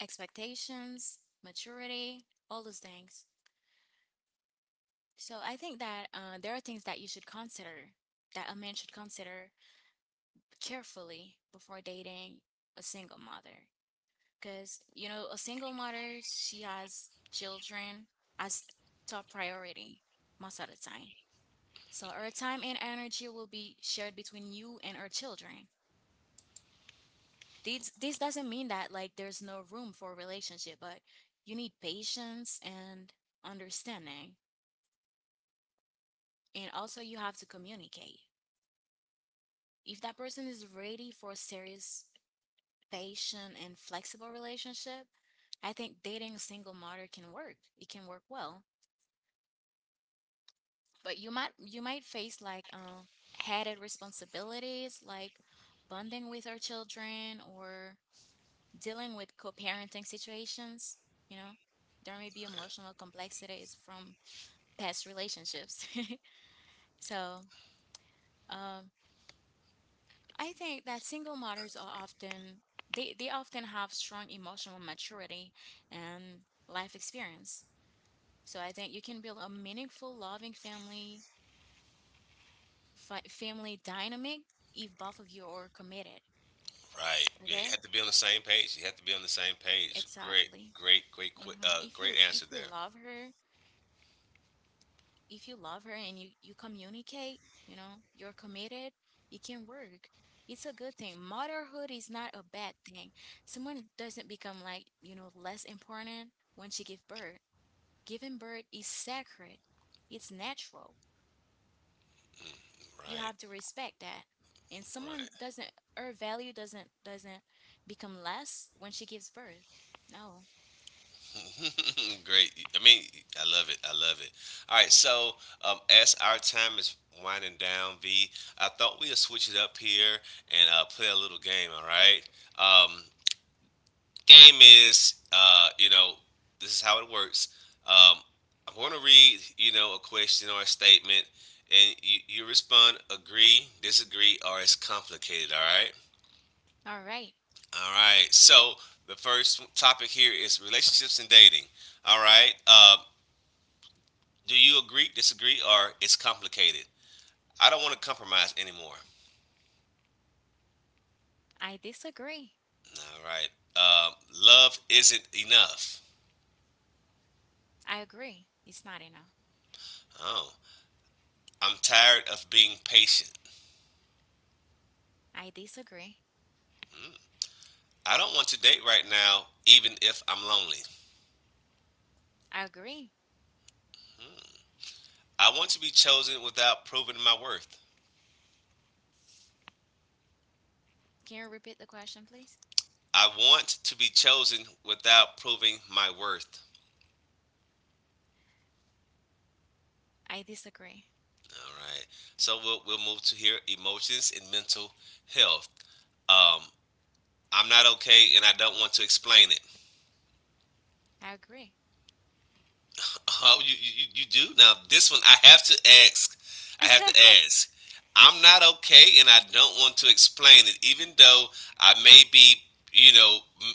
S2: expectations, maturity, all those things. So I think that there are things that you should consider, that a man should consider carefully before dating a single mother. Because, you know, a single mother, she has children as top priority most of the time. So her time and energy will be shared between you and her children. This doesn't mean that like there's no room for a relationship, but you need patience and understanding. And also, you have to communicate. If that person is ready for a serious, patient, and flexible relationship, I think dating a single mother can work. It can work well. But you might face like added responsibilities like bonding with our children or dealing with co-parenting situations, you know. There may be emotional complexities from past relationships. *laughs* So, um I think that single mothers are often they often have strong emotional maturity and life experience. So I think you can build a meaningful, loving family family dynamic if both of you are committed.
S1: Right. Yeah, you
S2: Okay,
S1: have to be on the same page. You have to be on the same page. Great,
S2: exactly.
S1: great, great, quick,
S2: Hmm. If
S1: great answer
S2: you
S1: there.
S2: love her, if you love her and you communicate, you know, you're committed, it can work. It's a good thing. Motherhood is not a bad thing. Someone doesn't become like, you know, less important when she gives birth. Giving birth is sacred. It's natural. You
S1: Right,
S2: have to respect that. And someone
S1: right.
S2: doesn't her value doesn't become less when she gives birth. No.
S1: *laughs* Great. I mean, I love it. I love it. All right. So, as our time is winding down, V, I thought we'd switch it up here and play a little game. All right. Um, Game is, you know, this is how it works. Um, I'm going to read, you know, a question or a statement, and you respond agree, disagree, or it's complicated. All right.
S2: All right.
S1: All right. So the first topic here is relationships and dating. All right. Do you agree, disagree, or it's complicated? I don't want to compromise anymore.
S2: I disagree.
S1: All right. Uh, Love isn't enough.
S2: I agree. It's not enough.
S1: Oh, I'm tired of being patient.
S2: I disagree.
S1: Hmm. I don't want to date right now, even if I'm lonely.
S2: I agree.
S1: Hmm. I want to be chosen without proving my worth.
S2: Can you repeat the question, please?
S1: I want to be chosen without proving my worth.
S2: I disagree.
S1: All right. So we'll move to here emotions and mental health. Um, I'm not okay and I don't want to explain it.
S2: I agree.
S1: Oh, you you do now. This one I have to ask. I have to
S2: *laughs*
S1: ask. I'm not okay, and I don't want to explain it, even though I may be, you know,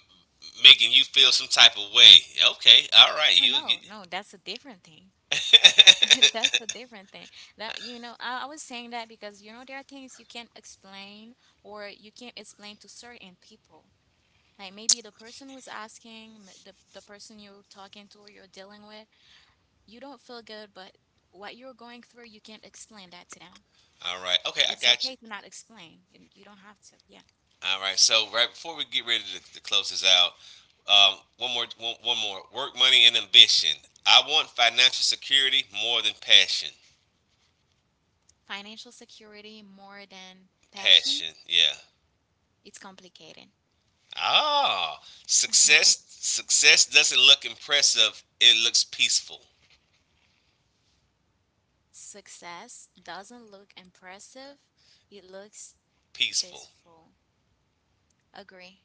S1: making you feel some type of way. Okay, all right,
S2: Oh,
S1: you.
S2: no, no, that's a different thing.
S1: *laughs*
S2: *laughs* That's a different thing. That, you know, I was saying that because you know there are things you can't explain or you can't explain to certain people. Like maybe the person who's asking, the person you're talking to or you're dealing with, you don't feel good, but what you're going through, you can't explain that to them.
S1: All right, okay, I
S2: It's
S1: got
S2: okay
S1: you.
S2: to not explain. You don't have to. Yeah.
S1: All right, so right before we get ready to close this out, one more, one more. Work, money, and ambition. I want financial security more than passion.
S2: Financial security more than passion.
S1: Passion, yeah.
S2: It's complicated.
S1: Ah,
S2: *laughs*
S1: success doesn't look impressive. It looks peaceful.
S2: Success doesn't look impressive, it looks
S1: Peaceful.
S2: peaceful. Agree.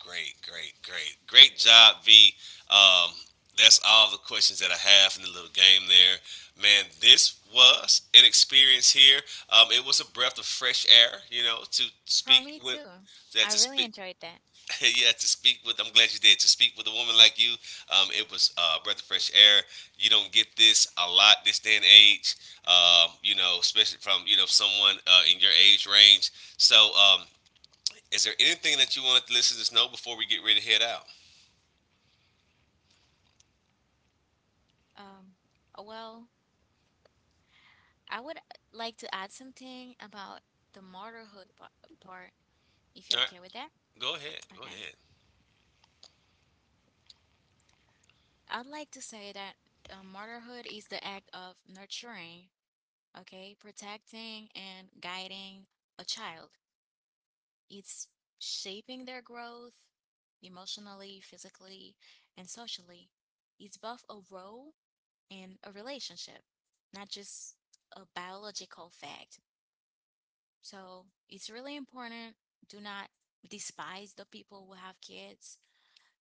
S1: Great, great, great, great job, V. Um, that's all the questions that I have in the little game there. Man, this was an experience here. It was a breath of fresh air, you know,
S2: For me too. I
S1: to
S2: really
S1: speak.
S2: enjoyed that.
S1: *laughs* Yeah, to speak with, I'm glad you did. To speak with a woman like you, it was a breath of fresh air. You don't get this a lot this day and age, you know, especially from, you know, someone in your age range. So, is there anything that you wanted the listeners to know before we get ready to head out?
S2: Um, well, I would like to add something about the part, if
S1: All
S2: you're
S1: right,
S2: okay with that.
S1: go ahead, go
S2: Okay.
S1: ahead.
S2: I'd like to say that motherhood is the act of nurturing, okay, protecting and guiding a child. It's shaping their growth emotionally, physically, and socially. It's both a role and a relationship, not just a biological fact. So it's really important. Do not despise the people who have kids,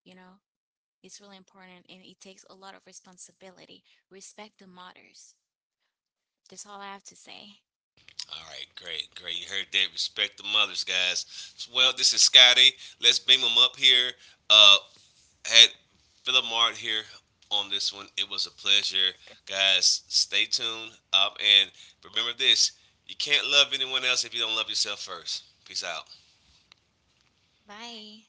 S2: you know, it's really important and it takes a lot of responsibility. Respect the mothers. That's all I have to say.
S1: All right, great, great. You heard that. Respect the mothers, guys. Well, this is Scotty. Let's beam them up here. Uh, had Philip Mart here on this one. It was a pleasure, guys. Stay tuned up and remember this: you can't love anyone else if you don't love yourself first. Peace out.
S2: Bye.